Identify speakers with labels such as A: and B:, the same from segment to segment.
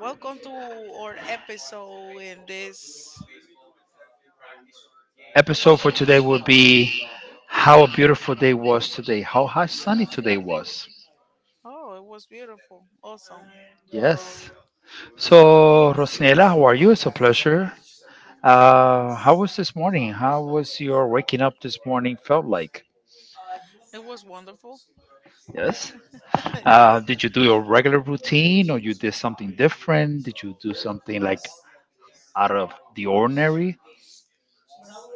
A: Welcome to our episode in this
B: Episode for
A: podcast.
B: today will be how a beautiful day was today, how hot sunny today was.
A: Oh, it was beautiful. Awesome.
B: Yes. So, Rosnella, how are you? It's a pleasure. How was this morning? How was your waking up this morning felt like?
A: It was wonderful.
B: Yes.
A: Yes.
B: Did you do your regular routine or you did something different? Did you do something like out of the ordinary?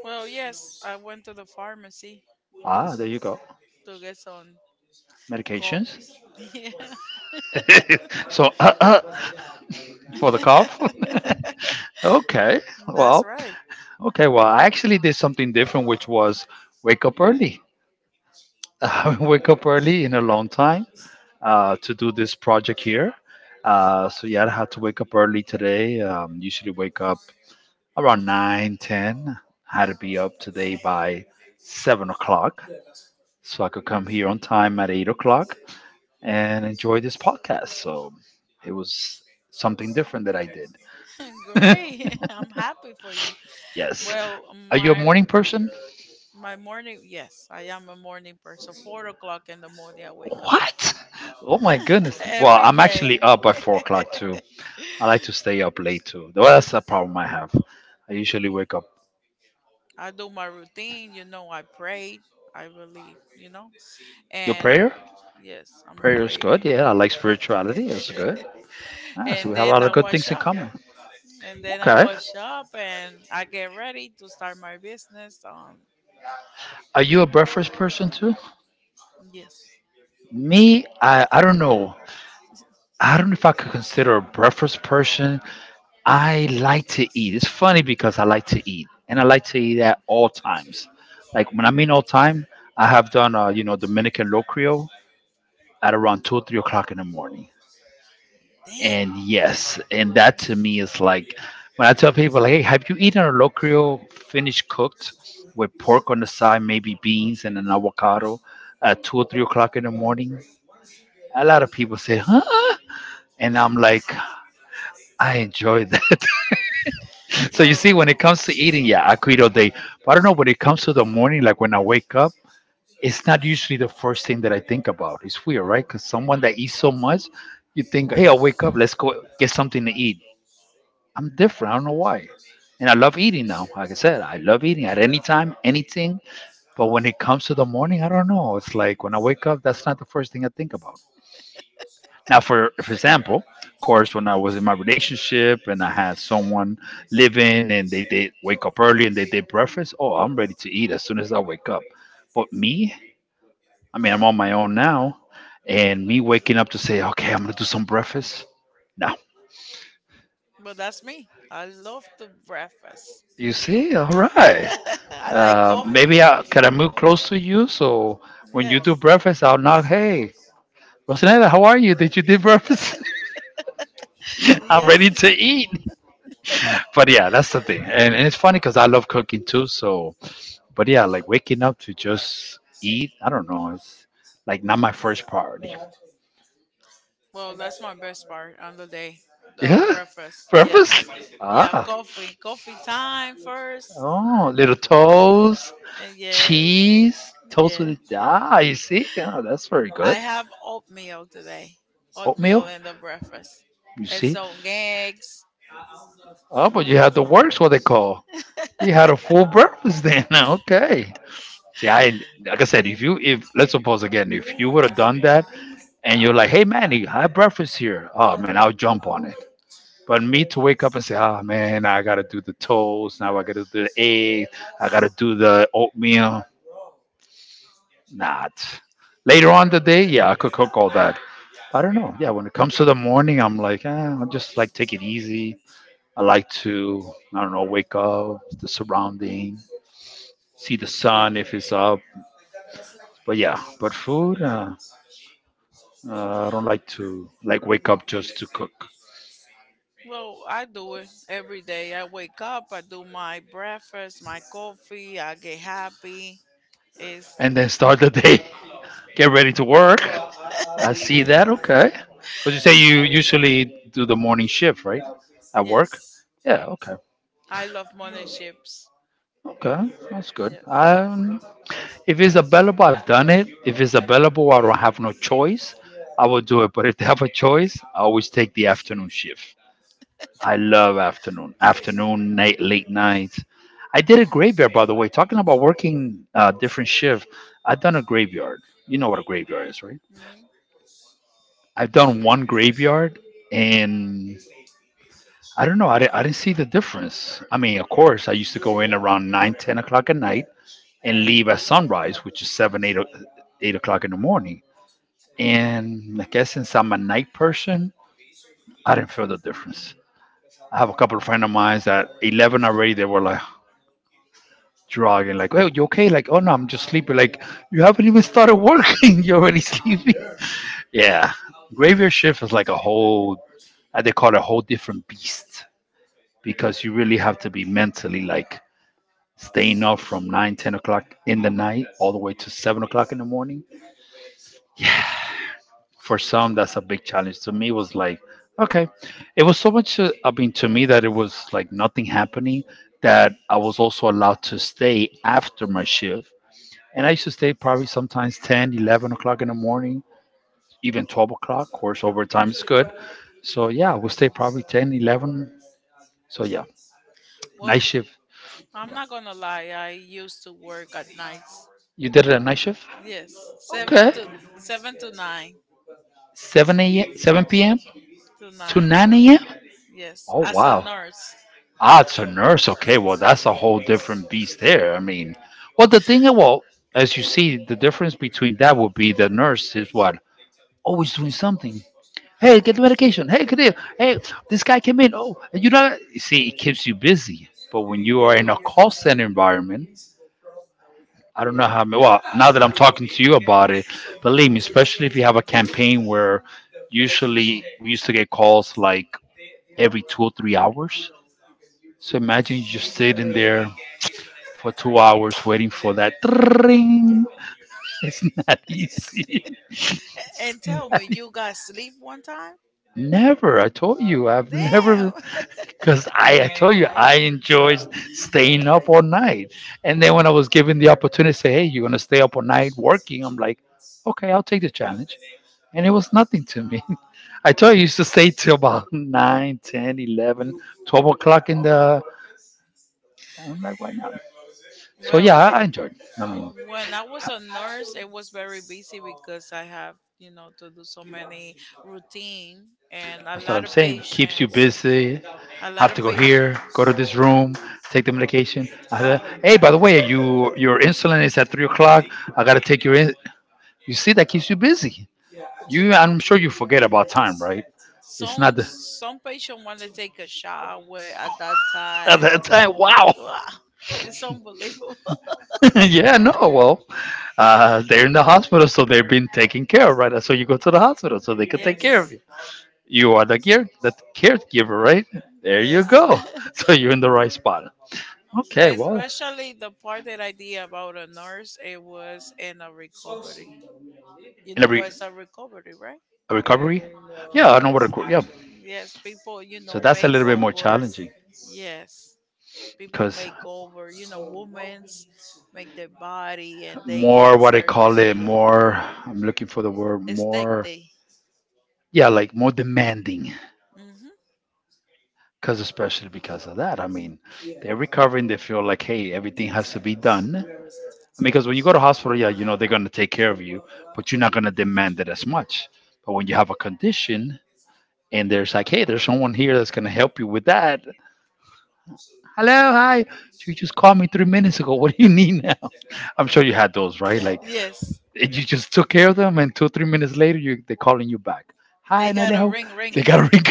A: Well, yes, I went to the pharmacy um,
B: Ah, there you go.
A: to get some cough.
B: Medications.
A: Yeah.
B: So for the cough. Okay.
A: That's
B: Well,
A: right.
B: okay, well, I actually did something different, which was wake up early. I wake up early in a long time to do this project here. So yeah, I had to wake up early today. Usually wake up around 9, 10. I had to be up today by 7 o'clock so I could come here on time at 8 o'clock and enjoy this podcast. So it was something different that I did.
A: Great. I'm happy for you.
B: Yes.
A: Well,
B: Are you a
A: my
B: morning person?
A: my morning, yes, I am a morning person. 4 o'clock in the morning, I wake up
B: What? Oh my goodness. Well,
A: every
B: I'm actually
A: day.
B: up by 4 o'clock too. I like to stay up late too. Well, that's a problem I have. I usually wake up.
A: I do my routine, you know, I prayed, I believe, you know.
B: Your
A: And I, wa-
B: prayer?
A: yes, I'm a
B: Prayer is
A: prayer.
B: good. Yeah, I like spirituality. That's good. Ah, so
A: And
B: we have a
A: then
B: lot
A: I
B: of good
A: wash
B: things in
A: up.
B: common.
A: And then I
B: Okay.
A: wash up and I get ready to start my business. Um,
B: Are you a breakfast person too?
A: yes.
B: Me, I don't know. I don't know if I could consider a breakfast person. I like to eat. It's funny because I like to eat, and I like to eat at all times. Like when I mean all time, I have done, Dominican locrio at around 2, or 3 o'clock in the morning.
A: Damn.
B: And yes, and that to me is like when I tell people, like, hey, have you eaten a locrio finished cooked with pork on the side, maybe beans and an avocado at 2 or 3 o'clock in the morning? A lot of people say, huh? And I'm like, I enjoy that. So you
A: No.
B: see, when it comes to eating, yeah, I quit all day. But I don't know when it comes to the morning, like when I wake up, it's not usually the first thing that I think about. It's weird, right? Because someone that eats so much, you think, hey, I'll wake up, let's go get something to eat. I'm different. I don't know why. And I love eating now. Like I said, I love eating at any time, anything. But when it comes to the morning, I don't know. It's like when I wake up, that's not the first thing I think about. Now, for example, of course, when I was in my relationship and I had someone living and they did wake up early and they did breakfast, oh, I'm ready to eat as soon as I wake up. But me, I mean, I'm on my own now, and me waking up to say, okay, I'm gonna do some breakfast. No,
A: But that's me. I love to breakfast.
B: you see, all right.
A: I like coffee.
B: Maybe I can I move close to you so when you do
A: Yes.
B: breakfast, I'll knock. Hey, Rosanella, how are you? Did you do breakfast? I'm ready
A: Yes.
B: to eat. But yeah, that's the thing, and it's funny because I love cooking too. So, but yeah, like waking up to just eat, I don't know, it's like not my first priority.
A: Well, that's my best part on the day. The
B: Yeah,
A: breakfast. Yes.
B: breakfast.
A: Yeah,
B: Ah,
A: coffee. Coffee time first.
B: oh, little toast, cheese,
A: Yes,
B: toast
A: yeah.
B: with ah, you see, yeah, that's very good.
A: I have oatmeal today,
B: Oatmeal,
A: oatmeal in the breakfast,
B: you
A: and
B: see.
A: so eggs.
B: Oh, but you had the works, what they call. You had a full breakfast then. Okay. See, I like I said,
A: Yeah.
B: if let's suppose again, if you would have done that, and you're like, hey Manny, I have breakfast here. Oh man, I'll jump on it. But me to wake up and say, oh man, I gotta do the toast. Now I gotta do the egg. I gotta do the oatmeal. Not later on the day. Yeah, I could cook all that. I don't know. Yeah, when it comes to the morning, I'm like, eh, I just like take it easy. I like to, I don't know, wake up, the surrounding, see the sun if it's up. But yeah, but food. I don't like to like wake up just to cook
A: Well, I do it every day. I wake up, I do my breakfast, my coffee. I get happy. Is
B: and then start the day, get ready to work. I see that.
A: yes,
B: Okay, because you say you usually do the morning shift, right? At work.
A: yes.
B: Yeah. Okay.
A: I love morning shifts.
B: Okay, that's good.
A: Yes.
B: If it's available, I've done it. If it's available, I don't have no choice. I will do it. But if they have a choice, I always take the afternoon shift. I love afternoon. Afternoon, night, late nights. I did a graveyard, by the way. Talking about working different shift, I've done a graveyard. You know what a graveyard is, right?
A: Hmm.
B: I've done one graveyard, and I don't know. I didn't see the difference. I mean, of course, I used to go in around 9, 10 o'clock at night and leave at sunrise, which is 7, 8 o'clock in the morning. And I guess since I'm a night person, I didn't feel the difference. I have a couple of friends of mine that 11 already, they were like, drug and like, oh, you okay? Like, oh no, I'm just sleepy. Like, you haven't even started working. You're already sleepy. Yeah. Graveyard shift is like a whole, I- They call it a whole different beast because you really have to be mentally like staying up from 9, 10 o'clock in the night all the way to 7 o'clock in the morning. For some, that's a big challenge. To me, it was like, okay. It was so much, I mean, to me, that it was like nothing happening that I was also allowed to stay after my shift. And I used to stay probably sometimes 10, 11 o'clock in the morning, even 12 o'clock. Of course, overtime is good. So, yeah, we'll stay probably 10, 11. So, yeah, night
A: Well,
B: shift.
A: I'm not gonna lie. I used to work at nights.
B: You did it at night shift?
A: Yes, seven
B: Okay.
A: to seven to nine
B: 7 a.m., 7 p.m.
A: to
B: to
A: nine.
B: 9 a.m.?
A: Yes,
B: Oh,
A: as a
B: wow.
A: nurse.
B: Ah, it's a nurse. Okay, well, that's a whole different beast there. I mean, well, the thing, well, as you see, the difference between that would be the nurse is what? Always doing something. Hey, get the medication. Hey, Kadil. Hey, this guy came in. Oh, you know, see, it keeps you busy. But when you are in a call center environment, I don't know how. Well, now that I'm talking to you about it, believe me, especially if you have a campaign where usually we used to get calls like every 2 or 3 hours. So imagine you just sitting there for 2 hours waiting for that. Ring. It's not easy. It's
A: And tell
B: not.
A: me, you got sleep one time?
B: Never. I told you I've
A: Damn.
B: never because I told you I enjoy staying up all night. And then when I was given the opportunity to say, "Hey, you're gonna stay up all night working," I'm like, "Okay, I'll take the challenge." And it was nothing to me. I told you I used to stay till about 9, 10, 11, 12 o'clock in the. I'm like, why not? So
A: Well,
B: yeah, I enjoyed. I mean,
A: when I was a nurse, it was very busy because I have, you know, to do so many routine and a
B: that's what
A: lot
B: I'm
A: of
B: saying. Keeps you
A: patients.
B: busy.
A: A lot
B: Have to
A: of
B: go here, go to
A: patients.
B: this room, take the medication. I said, hey, by the way, your insulin is at 3 o'clock. I gotta take your. In-. You see, that keeps you busy. You, I'm sure you forget about time, right? It's
A: Some
B: not the,
A: some patient want to take a shower at that
B: at
A: time.
B: that time. Wow.
A: Wow, it's unbelievable.
B: yeah. No. Well, they're in the hospital, so they're being taken care of, right? So you go to the hospital, so they can take care of
A: Yes.
B: you. You are the caregiver, right? There you
A: Yes.
B: go. So you're in the right spot. Okay, well,
A: Especially the part that I did about a nurse, it was in a recovery. You
B: in a
A: know
B: re-
A: what's a recovery, right?
B: a recovery. Yeah, I know what.
A: Yes.
B: Reco- Yeah,
A: Yes, people, you
B: so
A: know,
B: that's a
A: make
B: little bit more
A: over.
B: challenging
A: Yes. People
B: because
A: make over, you know, women's make their body and they
B: more
A: get
B: what I call it
A: surgery.
B: more. I'm looking for the word
A: Esthetic.
B: more.
A: That.
B: Yeah, like more demanding.
A: Hmm.
B: Because especially because of that, I mean, they're recovering. They feel like, hey, everything has to be done. Because when you go to hospital, yeah, you know they're gonna take care of you, but you're not gonna demand it as much. But when you have a condition and there's like, hey, there's someone here that's gonna help you with that. Hello, hi. You just called me 3 minutes ago. What do you need now? I'm sure you had those, right? Like
A: Yes.
B: and you just took care of them, and two, 3 minutes later, you they're calling you back. Hi,
A: They got a
B: Nalia.
A: ring ring.
B: They got a ring.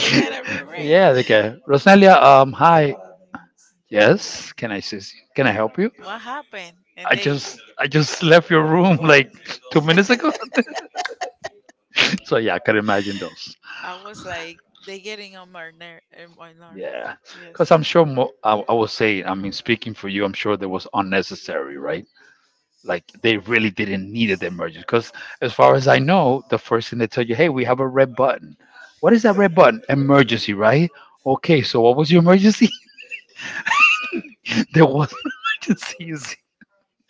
A: They got a ring ring.
B: yeah, they can. Rosalia, hi. Yes, can I assist you? Can I help you?
A: What happened? And they
B: I just left your room like 2 minutes ago. so yeah, I can imagine those.
A: I was like, they getting on my ner- on my nerves.
B: Yeah, because
A: Yes.
B: I'm sure. I was saying, I mean, speaking for you, I'm sure that was unnecessary, right? Like they really didn't need the emergency. Because as far as I know, the first thing they tell you, hey, we have a red button. What is that red button? Emergency, right? Okay, so what was your emergency? There was no emergency. You see.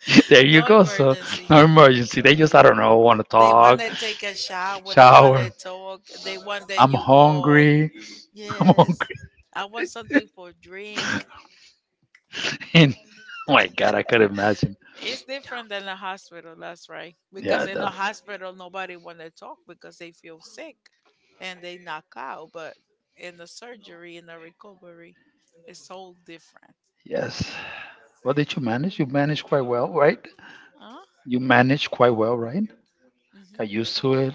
B: There you
A: No
B: go. So
A: emergency.
B: no emergency. They just I don't know want to
A: They want
B: talk,
A: to take a shower. They want to
B: shower.
A: talk. They want that
B: I'm
A: you hug.
B: hungry. I'm
A: Yes.
B: hungry.
A: I want something for drink.
B: And oh my God, I could imagine.
A: It's different than a hospital. That's right. Because
B: Yeah,
A: in a
B: the,
A: hospital, nobody want to talk because they feel sick and they knock out. But in the surgery, in the recovery, it's so different.
B: yes. What did you manage? You managed quite well, right?
A: Huh?
B: You managed quite well, right? Got
A: Hmm.
B: used to it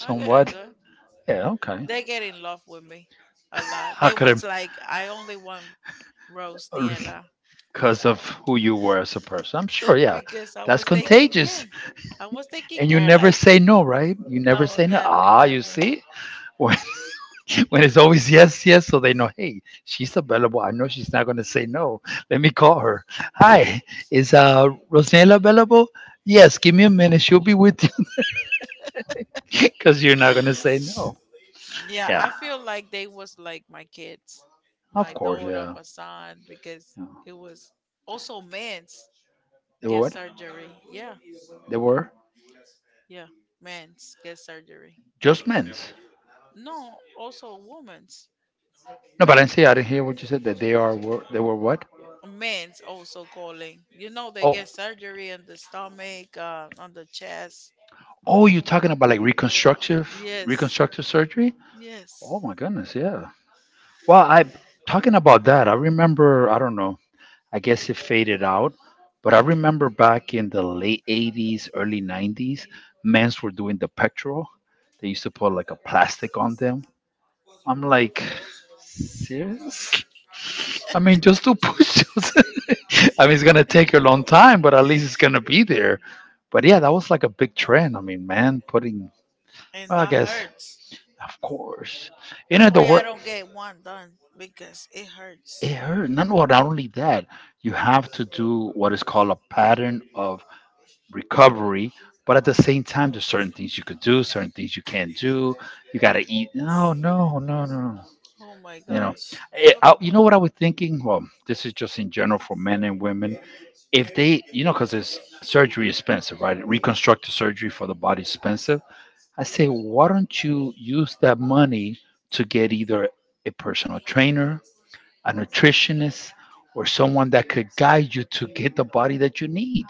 A: I gotta go.
B: Yeah, okay.
A: They get in love with me a lot.
B: I
A: They was
B: could
A: like, I only want Rose
B: I?
A: Niela
B: Because of who you were as a person. I'm sure, yeah.
A: because I
B: That's
A: was taking care.
B: contagious.
A: I was taking
B: And you
A: care.
B: never
A: Like,
B: say no, right? You never
A: no,
B: say no.
A: never,
B: Ah, you
A: never.
B: see? When when it's always yes, yes, so they know, hey, she's available. I know she's not going to say no. Let me call her. Hi, is Rosanella available? Yes, give me a minute. She'll be with you because you're not going to say no.
A: Yeah, I
B: Yeah,
A: feel like they was like my kids, my
B: of course.
A: daughter,
B: Yeah.
A: my son, because
B: Yeah.
A: it was also men's
B: They were
A: get
B: what?
A: surgery. Yeah,
B: They were
A: yeah, men's get surgery.
B: just men's.
A: No, also women's.
B: No, but I
A: Men
B: didn't say, I didn't hear what you said that they are, were, they were what?
A: men's also calling. You know, they
B: Oh,
A: get surgery on the stomach, on the chest.
B: oh, you're talking about like reconstructive,
A: Yes,
B: reconstructive surgery?
A: yes.
B: Oh my goodness, yeah. Well, I talking about that, I remember, I don't know, I guess it faded out, but I remember back in the late 80s, early 90s, men's were doing the petrol. They used to put like a plastic on them. I'm like, serious? I mean, just do push-ups. I mean, it's gonna take a long time, but at least it's gonna be there. But yeah, that was like a big trend. I mean, man, putting,
A: And
B: well, I
A: that
B: guess,
A: hurts.
B: of course, you
A: That's
B: know the
A: why I
B: word.
A: don't get one done because it
B: It
A: hurts.
B: hurt. Not, well, not only that, you have to do what is called a pattern of recovery, but at the same time, there's certain things you could do, certain things you can't do. You gotta eat. No, no, no, no.
A: Oh my
B: You know,
A: gosh.
B: it, I, you know what I was thinking. Well, this is just in general for men and women. If they, you know, because it's surgery is expensive, right? Reconstructive surgery for the body is expensive. I say, why don't you use that money to get either a personal trainer a nutritionist, or someone that could guide you to get the body that you need.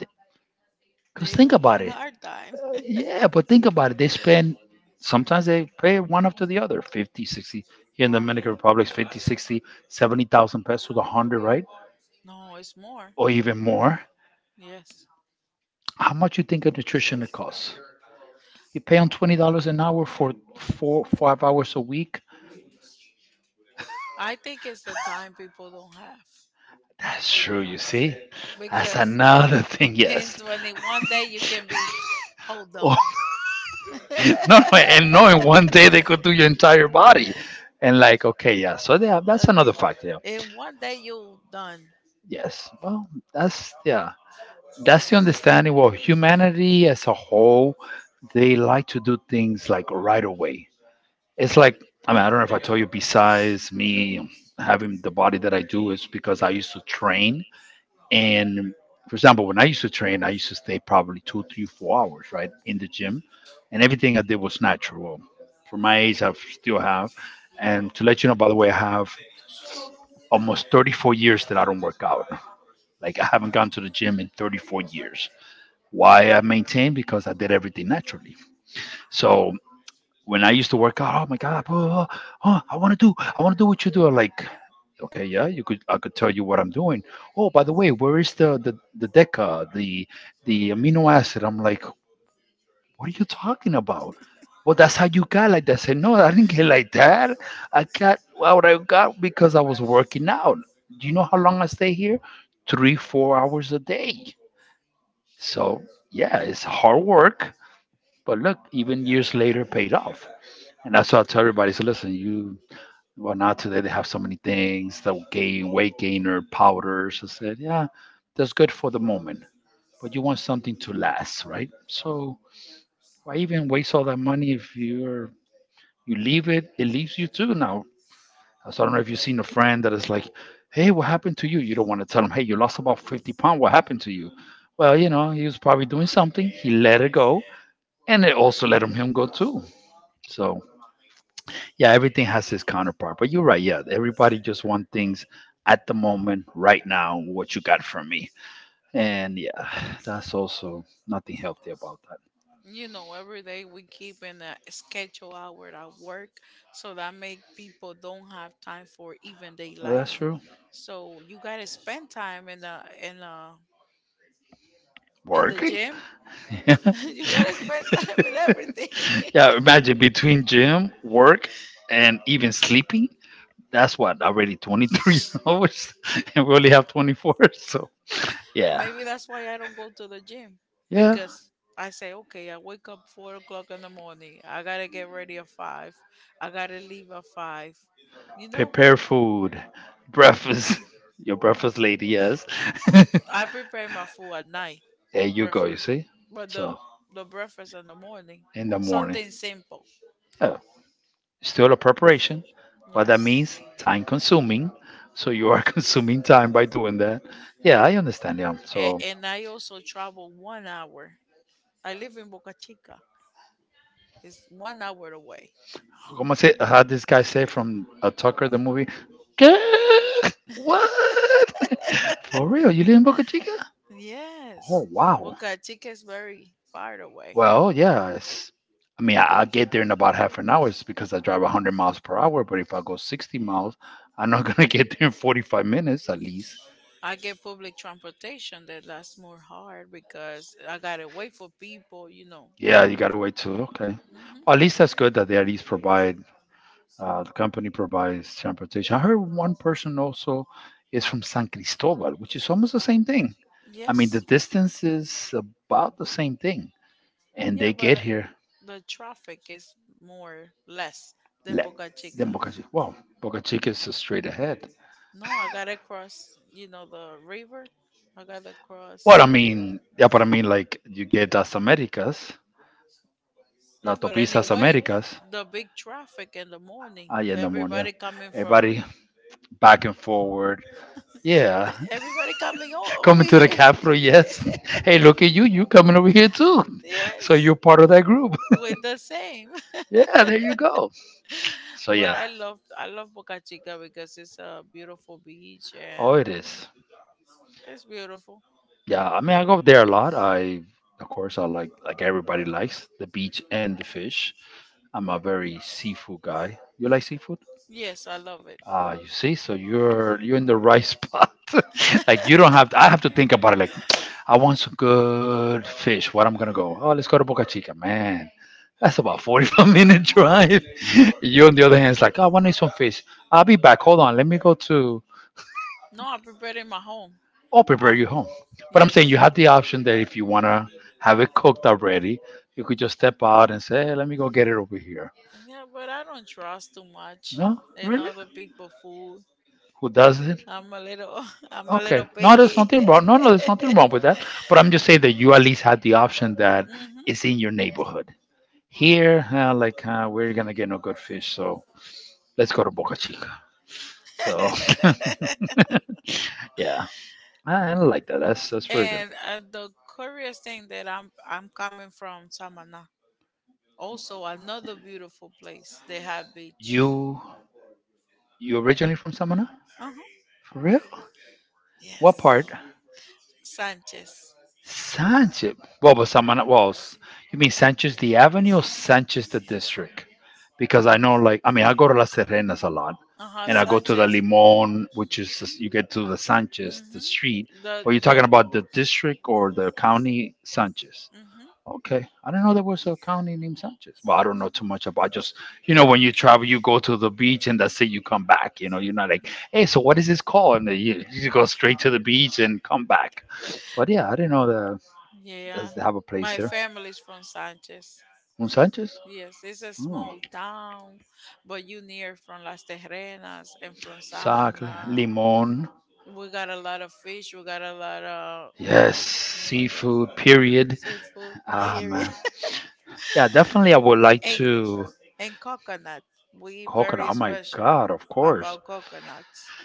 B: Because
A: They
B: think
A: don't
B: about
A: want
B: it.
A: hard time.
B: Yeah, but think about it. They spend, sometimes they pay one after the other 50, 60. Here in the Dominican Republic, it's 50, 60, 70,000 pesos to 100, right?
A: No, it's more.
B: Or even more.
A: Yes.
B: How much you think a nutritionist costs? You pay on $20 an hour for four, 5 hours a week.
A: I think it's the time people don't have
B: That's true, you see. That's
A: because
B: another thing,
A: in
B: yes.
A: 21 day you can be hold
B: Or
A: on.
B: no, no, and no, in 1 day they could do your entire body. And like, okay, yeah. So yeah, that's another
A: Okay.
B: fact. Yeah.
A: In 1 day you done.
B: Yes. Well, that's yeah. That's the understanding. Well, humanity as a whole, they like to do things like right away. It's like I mean, I don't know if I told you. Besides me having the body that I do, is because I used to train. And for example, when I used to train, I used to stay probably two, three, 4 hours, right, in the gym, and everything I did was natural. Well, for my age, I still have. And to let you know, by the way, I have almost 34 years that I don't work out. Like I haven't gone to the gym in 34 years. Why I maintain? Because I did everything naturally. So when I used to work out, oh my God, oh, oh, oh, I want to do, I want to do what you do. I'm like, okay, yeah, you could, I could tell you what I'm doing. Oh, by the way, where is the deca, the amino acid? I'm like, what are you talking about? Well, that's how you got like that. I said, no, I didn't get like that. I got what I got because I was working out. Do you know how long I stay here? Three, 4 hours a day. So yeah, it's hard work but look, even years later, paid off. And that's what I tell everybody. So listen, you well now today they have so many things the gain weight gainer powders. I said, yeah, that's good for the moment, but you want something to last, right? So why even waste all that money if you're you leave it, it leaves you too now. So I don't know if you've seen a friend that is like, hey, what happened to you? You don't want to tell them, hey, you lost about 50 pounds. What happened to you? Well, you know, he was probably doing something. He let it go, and it also let him go too. So yeah, everything has its counterpart. But you're right. Yeah, everybody just want things at the moment, right now, what you got from me. And yeah, that's also nothing healthy about that.
A: You know every day we keep in a schedule hour at work, so that make people don't have time for even day
B: Well, that's
A: life,
B: true.
A: so you gotta spend time in in the the
B: Working?
A: gym.
B: yeah,
A: You gotta spend time in everything.
B: imagine between gym, work, and even sleeping. That's what, already 23 hours? And we only have 24. So yeah,
A: Maybe that's why I don't go to the gym
B: yeah.
A: because I say okay I wake up 4 o'clock in the morning, I gotta get ready at five, I gotta leave at five, you know,
B: Prepare food, breakfast. Your breakfast lady, yes.
A: I prepare my food at night
B: There you go,
A: prefer.
B: you see?
A: But the
B: So,
A: the breakfast in the morning,
B: in the morning.
A: something simple.
B: Yeah. Still a preparation, but that
A: Yes.
B: means time consuming. So, you are consuming time by doing that. Yeah, I understand. Yeah.
A: A-
B: So,
A: and I also travel 1 hour. I live in Boca Chica. It's 1 hour away.
B: como se, how this guy say from Tucker, the movie? "Girl, what? For real? You live in Boca Chica? Oh,
A: Yes.
B: wow.
A: Boca Chica is very far away.
B: Well, yeah. It's, I mean, I get there in about half an hour. It's because I drive 100 miles per hour. But if I go 60 miles, I'm not going to get there in 45 minutes at least.
A: I get public transportation that lasts more hard because I gotta wait for people, you know.
B: Yeah, you gotta wait too. Okay.
A: Hmm.
B: At least that's good that they at least provide the company provides transportation. I heard one person also is from San Cristobal, which is almost the same thing. I mean, the
A: Yes.
B: distance is about the same thing, and
A: Yeah,
B: they
A: but
B: get
A: uh,
B: here.
A: the traffic is more less than
B: Le-
A: Boca
B: then
A: Chica.
B: Boca Chica. Wow, Boca Chica is straight ahead.
A: No, I gotta cross, you know, the river. I gotta cross.
B: Well, I mean, yeah, but I mean, like you get Las Americas, La
A: Yeah, but
B: Autopista Las
A: anyway,
B: Americas.
A: the big traffic in the morning.
B: Ah, yeah, no more. Yeah,
A: Everybody coming from,
B: everybody back and forward. Yeah,
A: everybody coming o- over
B: coming to the
A: here.
B: Cafro, yes. Hey, look at you. You coming over here too. So
A: Yes,
B: you're part of that group.
A: with the same.
B: yeah, there you go. So
A: But
B: yeah,
A: I love Boca Chica because it's a beautiful beach and
B: oh, it is.
A: it's beautiful.
B: Yeah, I mean, I go there a lot. I, of course, I like everybody likes the beach and the fish. I'm a very seafood guy. You like seafood?
A: Yes, I love it.
B: You see, so you're in the right spot. like you don't have. I have to think about it. Like, I want some good fish. What I'm gonna go? Oh, let's go to Boca Chica, man. That's about 45-minute drive. you on the other hand is like, "Oh, I want to eat some fish. I'll be back. Hold on, let me go to.
A: No, I'm in my home.
B: I'll prepare
A: I'm
B: you home. But I'm
A: yes.
B: saying you have the option that if you wanna have it cooked already, you could just step out and say, hey, let me go get it over here.
A: Yeah, but I don't trust too much
B: No,
A: in
B: really?
A: other people' food.
B: Who does it?
A: I'm a little, I'm a little
B: Okay. No, there's
A: picky.
B: nothing wrong. No, no, there's nothing wrong with that. But I'm just saying that you at least had the option that
A: Hmm.
B: is in your neighborhood. Here, like, we're going to get no good fish. So let's go to Boca Chica. So, yeah, I like that. That's very good.
A: And the curious thing that I'm coming from Samana, also another beautiful place. They have beach.
B: You, you originally from Samana?
A: Uh-huh.
B: For real? What
A: Yes.
B: part?
A: Sanchez.
B: Sanchez. What was someone? Well, you mean Sanchez the Avenue or Sanchez the District? Because I know, like, I mean, I go to Las Terrenas a lot,
A: Uh huh.
B: and I go to the
A: Sanchez.
B: Limon, which is you get to the Sanchez, the street.
A: Hmm. The
B: But you're talking
A: the.
B: about the district or the county Sanchez?
A: Hmm.
B: Okay, I don't know there was a county named Sanchez. Well, I don't know too much about. Just you know, when you travel, you go to the beach and that's it. You come back. You know, you're not like, hey, so what is this called? And then you go straight to the beach and come back. But yeah, I didn't know that
A: Yeah,
B: doesn't have a place
A: my
B: there.
A: family's from Sanchez.
B: Un Sanchez?
A: Yes, it's a
B: Oh.
A: small town, but you near from Las Terrenas and from
B: Sac,
A: Samana.
B: limon.
A: We got a lot of fish. We got a lot of
B: Yes,
A: oh my god,
B: seafood, period.
A: seafood,
B: Ah,
A: period,
B: man. Yeah, definitely I would like
A: and
B: to.
A: and coconut. We
B: Coconut.
A: very
B: Oh, my
A: special
B: God, of course.
A: about coconuts.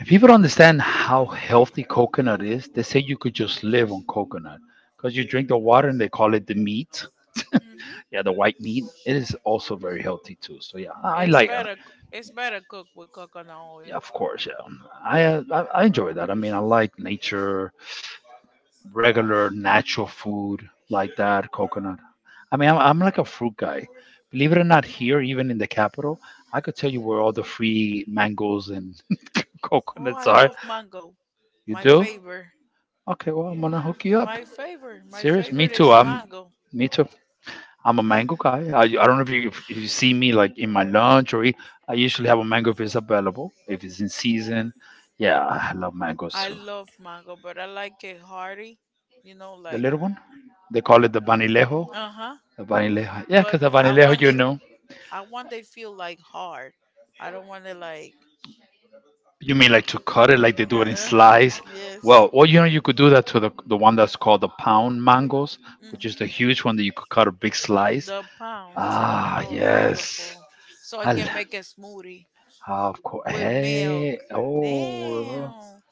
B: If people don't understand how healthy coconut is, they say you could just live on coconut because you drink the water and they call it the meat.
A: Hmm.
B: Yeah, the white meat. It is also very healthy too. So yeah, I
A: It's
B: like.
A: better. It's better cooked with coconut
B: Yeah,
A: oil.
B: of course. Yeah, I enjoy that. I mean, I like nature. Regular natural food like that, coconut. I mean, I'm like a fruit guy. Believe it or not, here, even in the capital, I could tell you where all the free mangoes and
A: Oh,
B: coconuts
A: I
B: are.
A: love mango.
B: You
A: My
B: do?
A: favorite.
B: Okay, well, I'm gonna hook you up.
A: My favorite. My
B: Serious? Me
A: favorite
B: too.
A: is
B: I'm,
A: mango.
B: me too. I'm a mango guy. I don't know if you see me like in my lunch or eat, I usually have a mango if it's available, if it's in season. Yeah, I love mangoes
A: I
B: too.
A: love mango, but I like it hearty. You know,
B: The
A: like
B: little one, they call it the banilejo.
A: uh huh.
B: The vanilejo. Yeah,
A: But
B: because the vanilejo,
A: I want they feel like hard. I don't want it like
B: you mean like to cut it like they do it in
A: uh huh.
B: slice.
A: Yes.
B: Well, or you could do that to the one that's called the pound mangoes, which is
A: Hmm.
B: the huge one that you could cut a big slice.
A: The pound.
B: Ah,
A: Oh,
B: yes.
A: wonderful. So I
B: I l-
A: can make a smoothie
B: of course.
A: with milk.
B: Hey, oh.
A: Damn.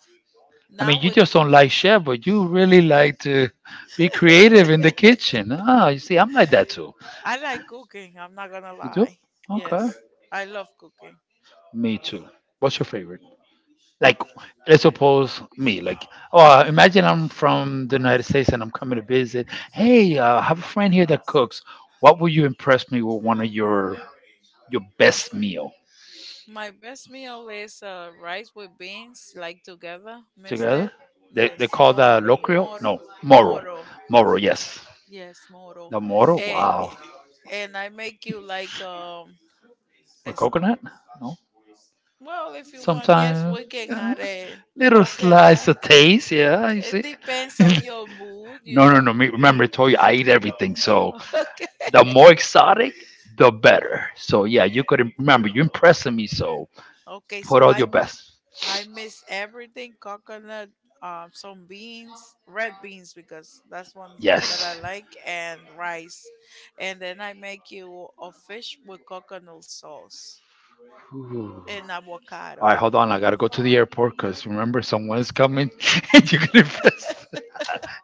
B: I mean,
A: Now
B: you
A: with.
B: just don't like chef, but you really like to be creative in the kitchen. Ah, you see, I'm like that too.
A: I like cooking. I'm not gonna
B: You do?
A: lie.
B: Okay.
A: Yes, I love cooking.
B: Me too. What's your favorite? Like, let's suppose me like, oh, imagine I'm from the United States and I'm coming to visit. Hey, I have a friend here that cooks. What would you impress me with? One of your best meal.
A: My best meal is rice with beans, like together, mixed
B: Together,
A: it.
B: they,
A: Yes,
B: they call that
A: moro,
B: locrio
A: moro,
B: no moro.
A: moro.
B: Moro, yes,
A: Yes, moro.
B: the moro. Wow,
A: And, I make you like
B: with
A: as-
B: coconut. No,
A: well if you want. Yes,
B: sometimes,
A: we can add a
B: little slice
A: coconut.
B: of taste, yeah, you
A: It
B: see.
A: depends on your mood, you
B: No, no,
A: know.
B: no, me, remember, I told you I eat everything, so.
A: Okay.
B: The more exotic, the better. So yeah, you could remember you're impressing me. So
A: Okay,
B: put
A: so
B: all
A: I
B: your best.
A: I miss everything coconut, some beans, red beans because that's one that I
B: Yes.
A: like, and rice. And then I make you a fish with coconut sauce
B: Ooh.
A: and
B: All right,
A: avocado.
B: hold on. I gotta go to the airport because remember someone is coming, and you can impress.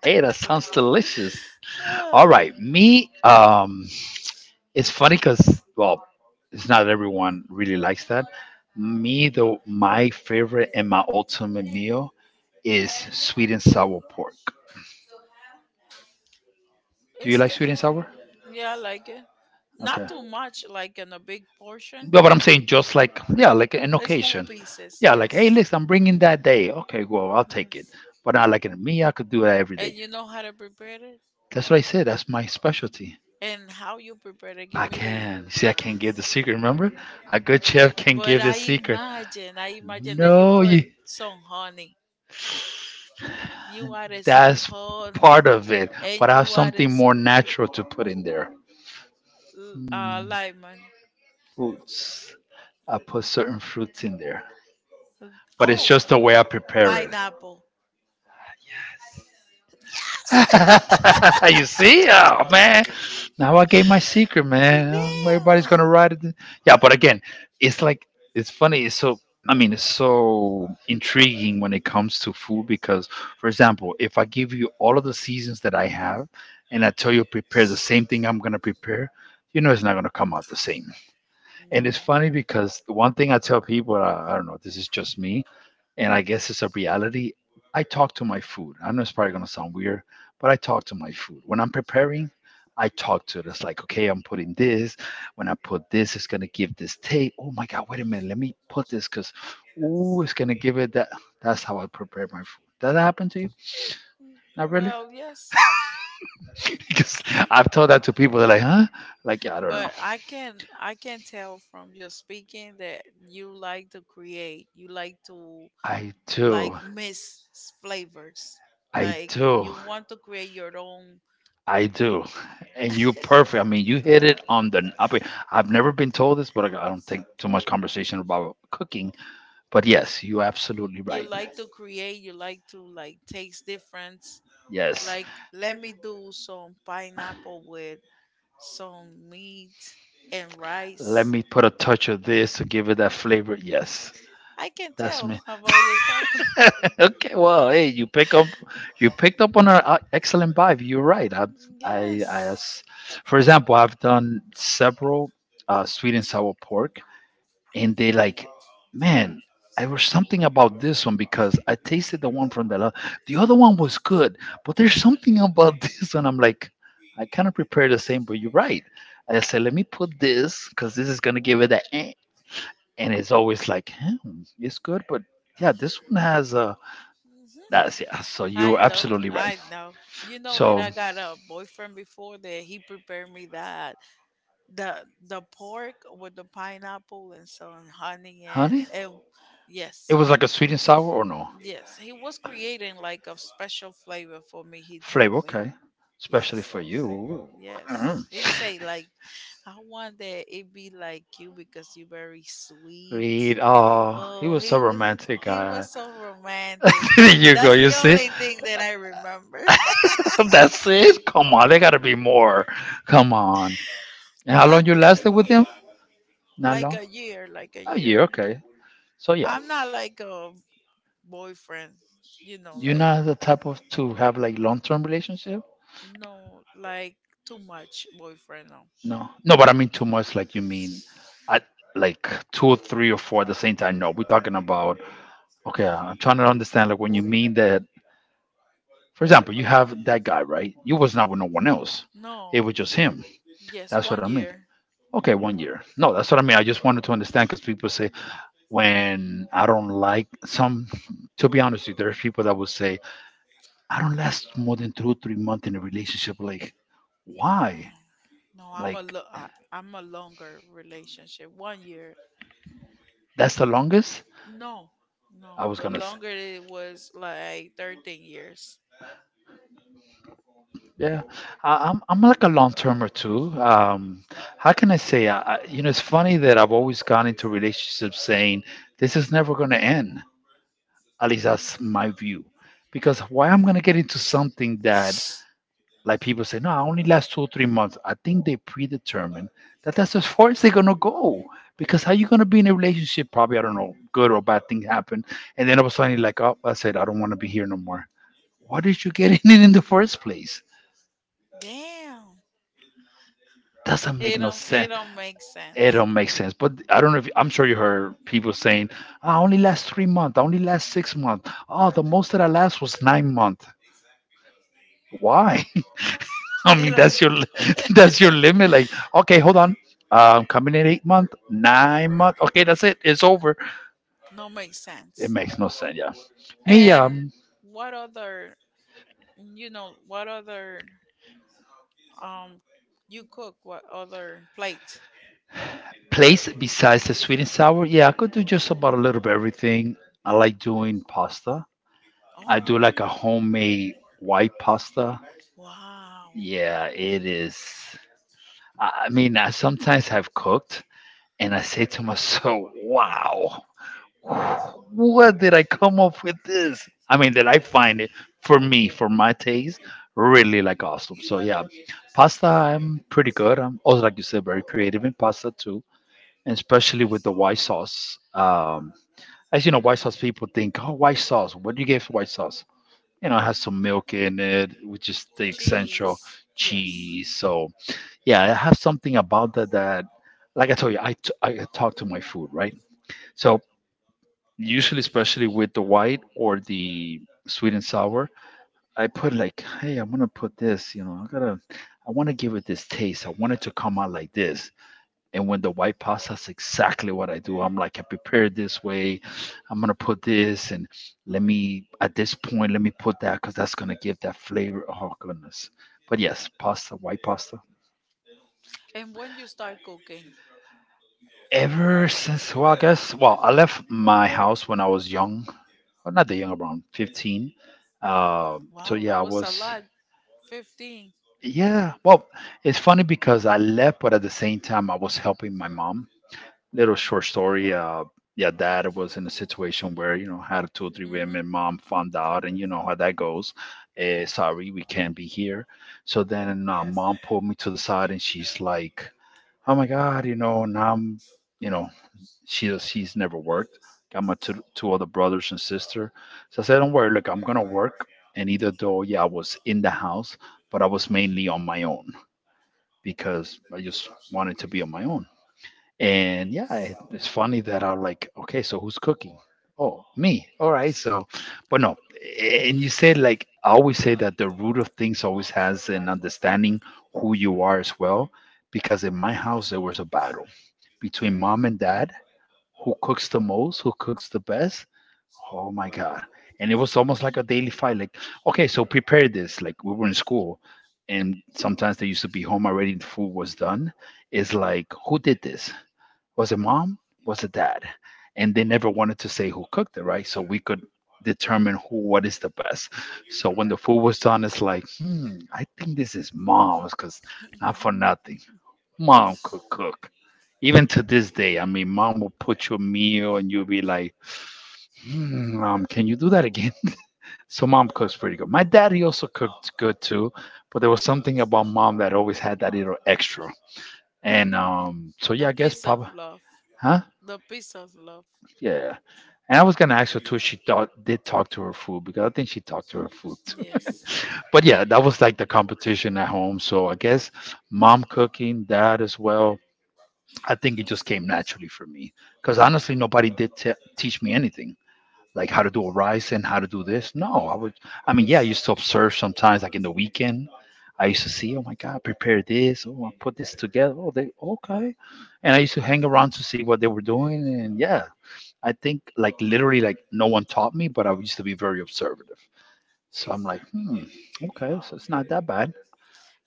B: Hey, that sounds delicious. All
A: Uh,
B: right, me. It's funny because well, it's not everyone really likes that. Me though, my favorite and my ultimate meal is sweet and sour pork. Do you
A: it's
B: like
A: the,
B: sweet and sour?
A: yeah, I like it. Not
B: Okay.
A: too much, like in a big
B: No,
A: portion.
B: but what I'm saying just like yeah, like an
A: Small
B: occasion.
A: pieces,
B: Yeah, like
A: yes.
B: hey, listen, I'm bringing that day. Okay, well, I'll take it.
A: Yes.
B: But not like in me, I could do that every
A: And
B: day.
A: you know how to prepare it?
B: That's what I said. That's my specialty.
A: And how you prepare it. Give
B: I
A: me the.
B: can see. I can give the secret. Remember, a good chef can
A: But
B: give the
A: I
B: secret.
A: imagine, I imagine that you
B: No,
A: put
B: you.
A: some honey. You added some
B: That's
A: honey,
B: part of it. But
A: and
B: I have
A: you added
B: something more
A: some
B: natural to put in there. Mm,
A: lime.
B: Fruits. I put certain fruits in there. But it's
A: Oh,
B: just the way I prepare it.
A: pineapple.
B: You see? Oh man. Now I gave my secret, man. Everybody's gonna
A: Damn.
B: ride it. Yeah, but again, it's like it's funny, it's so I mean it's so intriguing when it comes to food because for example, if I give you all of the seasons that I have and I tell you prepare the same thing I'm gonna prepare, you know it's not gonna come out the same. And
A: No.
B: it's funny because the one thing I tell people, I don't know, this is just me, and I guess it's a reality. I talk to my food. I know it's probably gonna sound weird, but I talk to my food. When I'm preparing, I talk to it. It's like, okay, I'm putting this. When I put this, it's gonna give this taste. Oh my God, wait a minute, let me put this because ooh, it's gonna give it that. That's how I prepare my food. Does that happen to you? Not really?
A: Well, yes.
B: Because I've told that to people. They're like, huh? Like, yeah, I don't know.
A: But I can tell from your speaking that you like to create. You like to
B: I
A: like
B: do.
A: mix flavors.
B: I
A: Like
B: do.
A: you want to create your own.
B: I do, and you're perfect. I mean, you hit it on the. I mean, I've never been told this, but I don't think too much conversation about cooking. But yes, you're absolutely
A: You
B: right.
A: like to create. You like to like taste difference.
B: Yes,
A: Like let me do some pineapple with some meat and
B: let
A: rice.
B: me put a touch of this to give it that flavor. Yes,
A: I can
B: that's
A: tell
B: me.
A: about your talking.
B: Okay, well, hey, you picked up on an excellent vibe. You're right. I, I,
A: Yes.
B: as- for example, I've done several sweet and sour pork. And they like, man, I was something about this one because I tasted the one from the other one was good, but there's something about this one. I'm like, I kind of prepare the same, but you're right. I said, let me put this because this is gonna give it that, eh. And it's always like, it's good, but yeah, this one has
A: Mm-hmm.
B: that's yeah. So
A: I
B: you're
A: know,
B: absolutely right.
A: I know. You know that
B: So,
A: I got a boyfriend before that he prepared me that the pork with the pineapple and some honey
B: honey,
A: and
B: it
A: yes,
B: was like a sweet and sour or no
A: yes, he was creating like a special flavor for me. He told
B: flavor,
A: me
B: okay, especially
A: yes.
B: for you.
A: Yes,
B: Mhm.
A: he say like, I want that it be like you because you're very sweet.
B: Reed. Oh, he
A: Oh,
B: was so romantic.
A: he was so romantic.
B: There you go.
A: That's
B: You
A: the
B: see.
A: only thing that I remember.
B: That's it. Come on, there gotta be more. Come on. And how
A: Not
B: long you lasted with him? Not
A: like
B: long.
A: a year, like a
B: A year,
A: year.
B: okay. So yeah,
A: I'm not like a boyfriend, you know,
B: you're
A: like,
B: not the type of to have like long-term relationship.
A: no, like too much boyfriend, no.
B: No, no, but I mean too much. Like you mean, I like two or three or four at the same time. No, we're talking about. Okay, I'm trying to understand. Like when you mean that. For example, you have that guy, right? You was not with no one else.
A: No.
B: It was just him.
A: Yes,
B: That's what
A: one
B: I mean.
A: year.
B: Okay, 1 year. No, that's what I mean. I just wanted to understand because people say when I don't like some. To be honest, with you, there's people that will say I don't last more than two, 3 months in a relationship. Like,
A: No,
B: why?
A: no, no.
B: Like
A: I'm a longer relationship. 1 year.
B: that's the longest.
A: No,
B: I
A: no.
B: was
A: The
B: gonna say.
A: longer it was like 13 years.
B: Yeah, I'm like a long termer too. How can I say? You know, it's funny that I've always gone into relationships saying this is never going to end. At least that's my view. Because why I'm going to get into something that, like people say, no, I only last 2 or 3 months. I think they predetermine that that's as far as they're going to go. Because how you going to be in a relationship? Probably I don't know, good or bad thing happen, and then all of a sudden you're like, oh, I said I don't want to be here no more. Why did you get in it in the first place?
A: Damn.
B: Doesn't
A: It
B: make no
A: don't it don't make
B: it
A: sense.
B: don't make sense. But I don't know if I'm sure you heard people saying, "I only last 3 months. I only last 6 months. Oh, the most that I last was 9 months. Why? I
A: It
B: mean,
A: don't
B: that's your that's your limit. Like, okay, hold on. I'm coming in 8 month, 9 month. Okay, that's it. It's over.
A: no make
B: It
A: sense.
B: makes no sense. Yeah. Me,
A: And what other you know what other um you cook what other plate?
B: place besides the sweet and sour. Yeah, I could do just about a little bit everything. I like doing pasta. I
A: Oh
B: do like a homemade white pasta.
A: wow.
B: Yeah, it is. I mean, I sometimes have cooked and I say to myself, wow, what did I come up with this? I mean, that I find it for me, for my taste, really like awesome. So, yeah, pasta, I'm pretty good. I'm also, like you said, very creative in pasta too, and especially with the white sauce. As you know, white sauce people think, oh, white sauce, what do you get for white sauce? You know, it has some milk in it, which is the essential
A: Cheese.
B: cheese.
A: Yes.
B: So, yeah it has something about that that like I told you I talk to my food, right? So usually especially with the white or the sweet and sour, I put like hey, I'm gonna put this, you know, I want to give it this taste, I want it to come out like this. And when the white pasta, that's exactly what I do. I'm like, I prepare it this way. I'm gonna put this, and let me at this point let me put that because that's gonna give that flavor. Oh goodness, but yes, pasta, white pasta.
A: And when you start cooking?
B: Ever since, well, I guess, well, I left my house when I was young, or not that young, around 15 so
A: Wow, that
B: yeah, I
A: was a
B: was.
A: lot. 15.
B: Yeah, well, it's funny because I left but at the same time I was helping my mom. Little short story, yeah, dad was in a situation where you know had two or three
A: Mm-hmm.
B: women, mom found out, and you know how that goes. Sorry, we can't be here. So then mom pulled me to the side and she's like, oh my god, you know, now I'm, you know, she's never worked. Got my two other brothers and sister. So I said, don't worry, look, I'm gonna work. And either though, yeah, I was in the house, but I was mainly on my own because I just wanted to be on my own. And yeah, it's funny that I'm like, okay, so who's cooking? Oh, me. All right. So, but no. And you said, like, I always say that the root of things always has an understanding who you are as well. Because in my house there was a battle between mom and dad, who cooks the most, who cooks the best. Oh my god! And it was almost like a daily fight. Like, okay, so prepare this. Like, we were in school, and sometimes they used to be home already. The food was done. It's like, who did this? Was it mom? Was it dad? And they never wanted to say who cooked it, right? So we could determine who, what is the best. So when the food was done, it's like, hmm, I think this is mom's because not for nothing. Mom could cook. Even to this day, I mean, mom will put you a meal and you'll be like, hmm, mom, can you do that again? So mom cooks pretty good. My daddy also cooked good too, but there was something about mom that always had that little extra. And so
A: The
B: yeah, I guess
A: piece of
B: Papa,
A: love.
B: huh?
A: The piece of love.
B: Yeah. And I was gonna ask her too, if she thought, did talk to her food, because I think she talked to her food too.
A: Yes.
B: But yeah, that was like the competition at home. So I guess mom cooking, dad as well. I think it just came naturally for me because honestly, nobody did teach me anything, like how to do a rise and how to do this. No, I would. I mean, yeah, I used to observe sometimes, like in the weekend. I used to see, oh my God, prepare this. Oh, I put this together. Oh, they okay. And I used to hang around to see what they were doing. And yeah, I think like literally, like no one taught me, but I used to be very observative. So I'm like, hmm, okay, so it's not that bad.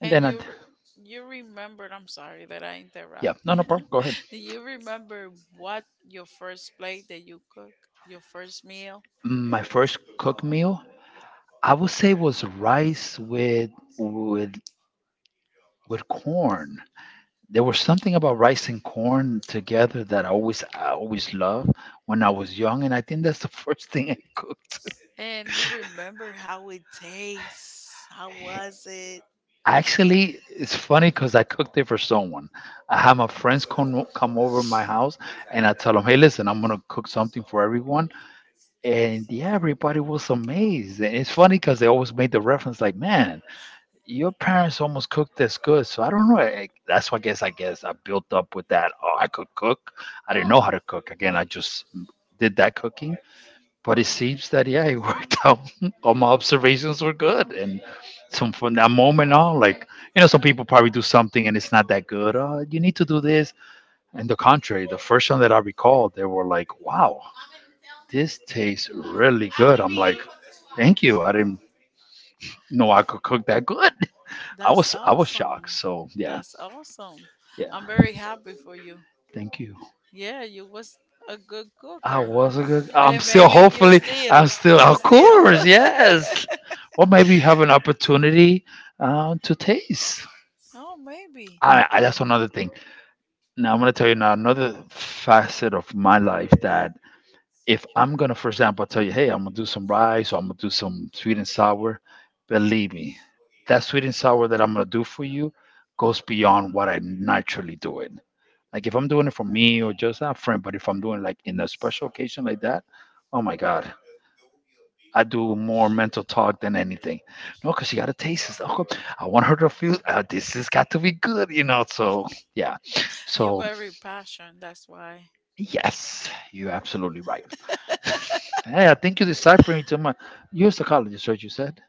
B: And
A: And
B: then I,
A: you remembered, I'm sorry that I interrupt
B: yeah, no, no
A: you.
B: problem. Go ahead.
A: You remember what your first plate that you cook, your first meal?
B: My first cook meal I would say was rice with with corn. There was something about rice and corn together that I always loved when I was young, and I think that's the first thing I cooked.
A: And you remember how it tastes. How was it?
B: Actually, it's funny because I cooked it for someone. I had my friends come over my house, and I tell them, "Hey, listen, I'm gonna cook something for everyone," and yeah, everybody was amazed. And it's funny because they always made the reference, like, "Man, your parents almost cooked this good, so I don't know. I, that's why I guess I guess I built up with that. Oh, I could cook. I didn't know how to cook. Again, I just did that cooking, but it seems that yeah, it worked out. All my observations were good, and so from that moment on, like, you know, some people probably do something and it's not that good. You need to do this. And the contrary, the first one that I recall, they were like, "Wow, this tastes really good." I'm like, "Thank you. I didn't know I could cook that good."
A: That's
B: I was
A: awesome.
B: shocked. So yeah,
A: That's awesome.
B: yeah,
A: I'm very happy for you.
B: thank you.
A: Yeah, you was a good
B: I
A: cooker.
B: was a good. I'm
A: And
B: still
A: maybe you
B: hopefully. I'm
A: still,
B: still,
A: you
B: of
A: still.
B: course, yes. Or maybe you have an opportunity to taste.
A: Oh, maybe.
B: That's another thing. Now I'm gonna tell you now another facet of my life that, if I'm gonna, for example, tell you, hey, I'm gonna do some rice or I'm gonna do some sweet and sour. Believe me, that sweet and sour that I'm gonna do for you goes beyond what I naturally do it. Like, if I'm doing it for me or just a friend, but if I'm doing like in a special occasion like that, oh my God, I do more mental talk than anything. No, because she got to taste this. Oh, I want her to feel this has got to be good, you know. So yeah,
A: You
B: so
A: very passion, that's why.
B: yes, you're absolutely right. Hey, I think you're deciphering too much. You're a psychologist, right? You said.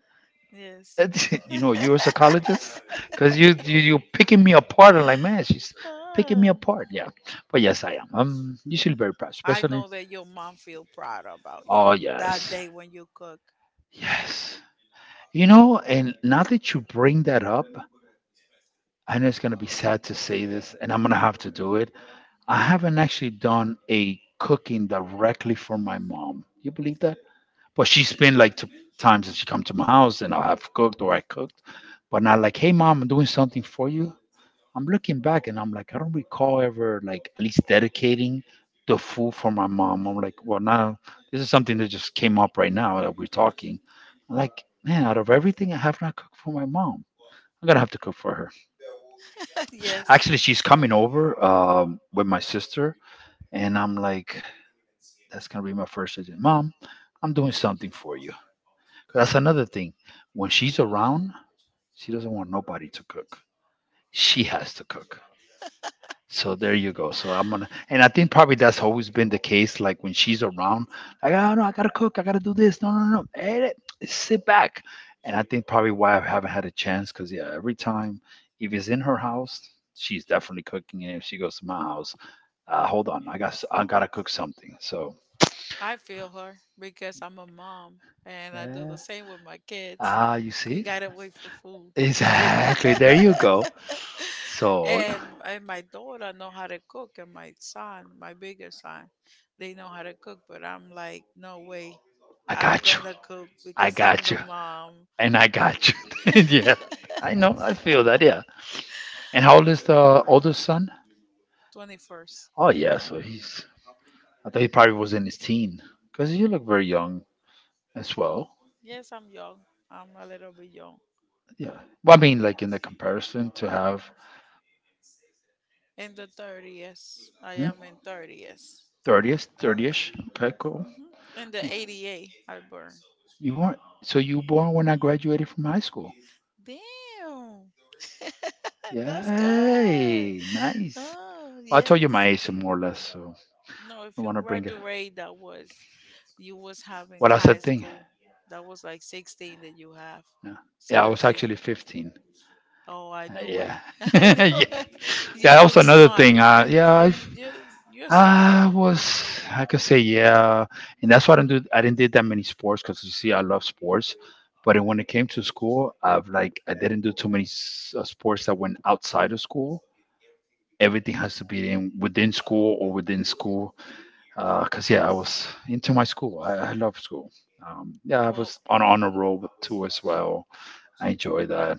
A: Yes.
B: You know, you're a psychologist because you picking me apart. I'm like, man, she's picking me
A: Ah.
B: apart. Yeah, but yes, I am. I'm usually very proud,
A: I
B: especially
A: know that your mom feel proud about you
B: oh,
A: that
B: yes.
A: day when you cook.
B: Yes. You know, and now that you bring that up, I know it's going to be sad to say this, and I'm going to have to do it. I haven't actually done a cooking directly for my mom. You believe that? But she's been like two times that she come to my house and I have cooked or I cooked, but not like, hey mom, I'm doing something for you. I'm looking back and I'm like, I don't recall ever like at least dedicating the food for my mom. I'm like, well, now this is something that just came up right now that we're talking. I'm like, man, out of everything, I have not cooked for my mom. I'm gonna have to cook for her.
A: Yes.
B: Actually, she's coming over with my sister, and I'm like, that's gonna be my first visit. Mom, I'm doing something for you. 'Cause that's another thing. When she's around, she doesn't want nobody to cook. She has to cook. So there you go. So I'm gonna, and I think probably that's always been the case. Like when she's around, like, oh no, I gotta cook, I gotta do this. No, no, no, hey, sit back. And I think probably why I haven't had a chance, because yeah, every time, if it's in her house, she's definitely cooking, and if she goes to my house, hold on, I got, I gotta cook something. So
A: I feel her because I'm a mom and I do
B: yeah,
A: the same with my kids.
B: ah, you
A: You
B: see,
A: gotta wait for food.
B: exactly. There you go. So.
A: And my daughter know how to cook and my son my bigger son they know how to cook but I'm like no way,
B: I
A: I'm
B: got
A: gonna cook
B: I
A: because I'm
B: got
A: the
B: you.
A: mom.
B: And I got you. Yeah. I know. I feel that. Yeah. And how old is the oldest son?
A: 21st.
B: Oh, yeah. So he's, I thought he probably was in his teen because you look very young as well.
A: Yes I'm young, I'm a little bit young.
B: Yeah. Well, I mean, like in the comparison to have
A: In the 30s, I
B: hmm?
A: am in 30s.
B: 30th, 30ish. Okay, cool.
A: Hmm, in the 88 I burn.
B: You weren't, so you were born when I graduated from high school.
A: Damn. That's good.
B: Yay. Nice.
A: Oh
B: Well, I
A: yes.
B: told you my age more or less, so
A: No,
B: I
A: if you
B: want to bring it.
A: graduate, that was you was having
B: What else
A: high
B: that thing?
A: school. That was like 16 that you have,
B: Yeah. Yeah, I was
A: 17.
B: actually 15.
A: Oh, I knew
B: Yeah.
A: it. I
B: Yeah.
A: know it. You
B: Yeah, that was
A: look
B: another
A: smart.
B: thing.
A: You you you're smart.
B: I was, I could say, yeah, and that's why I didn't do, I didn't did that many sports because you see, I love sports, but when it came to school, I've like, I didn't do too many sports that went outside of school. Everything has to be in within school or within school. 'Cause yeah, I was into my school. I love school. Yeah, I
A: Well,
B: was on a roll too as well. I enjoy that.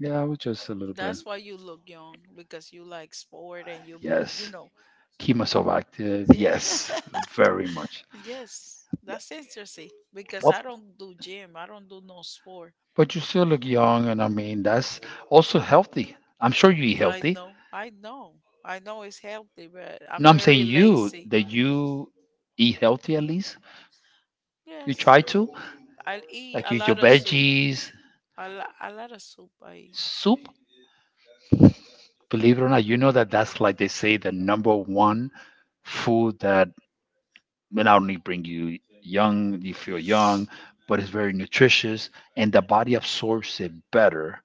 B: Yeah, I was just a little bit.
A: that's why you look young because you like sport and you'll be you
B: Yes.
A: know.
B: Kemosovac,
A: Yeah.
B: yes, very much.
A: Yes,
B: Yeah.
A: that's interesting because
B: Well,
A: I don't do gym. I don't do no sport.
B: but you still look young, and I mean that's also healthy. I'm sure you eat
A: I
B: healthy.
A: know, I know, I know it's healthy, but I'm
B: No, I'm
A: very
B: saying you
A: lazy.
B: that you eat healthy at least. You
A: Yes,
B: try to
A: I eat
B: like
A: a
B: eat your
A: lot of soup.
B: veggies,
A: A lot of soup I eat.
B: soup. Believe it or not, you know that that's like they say the number one food that will not only bring you young, you feel young, but it's very nutritious, and the body absorbs it better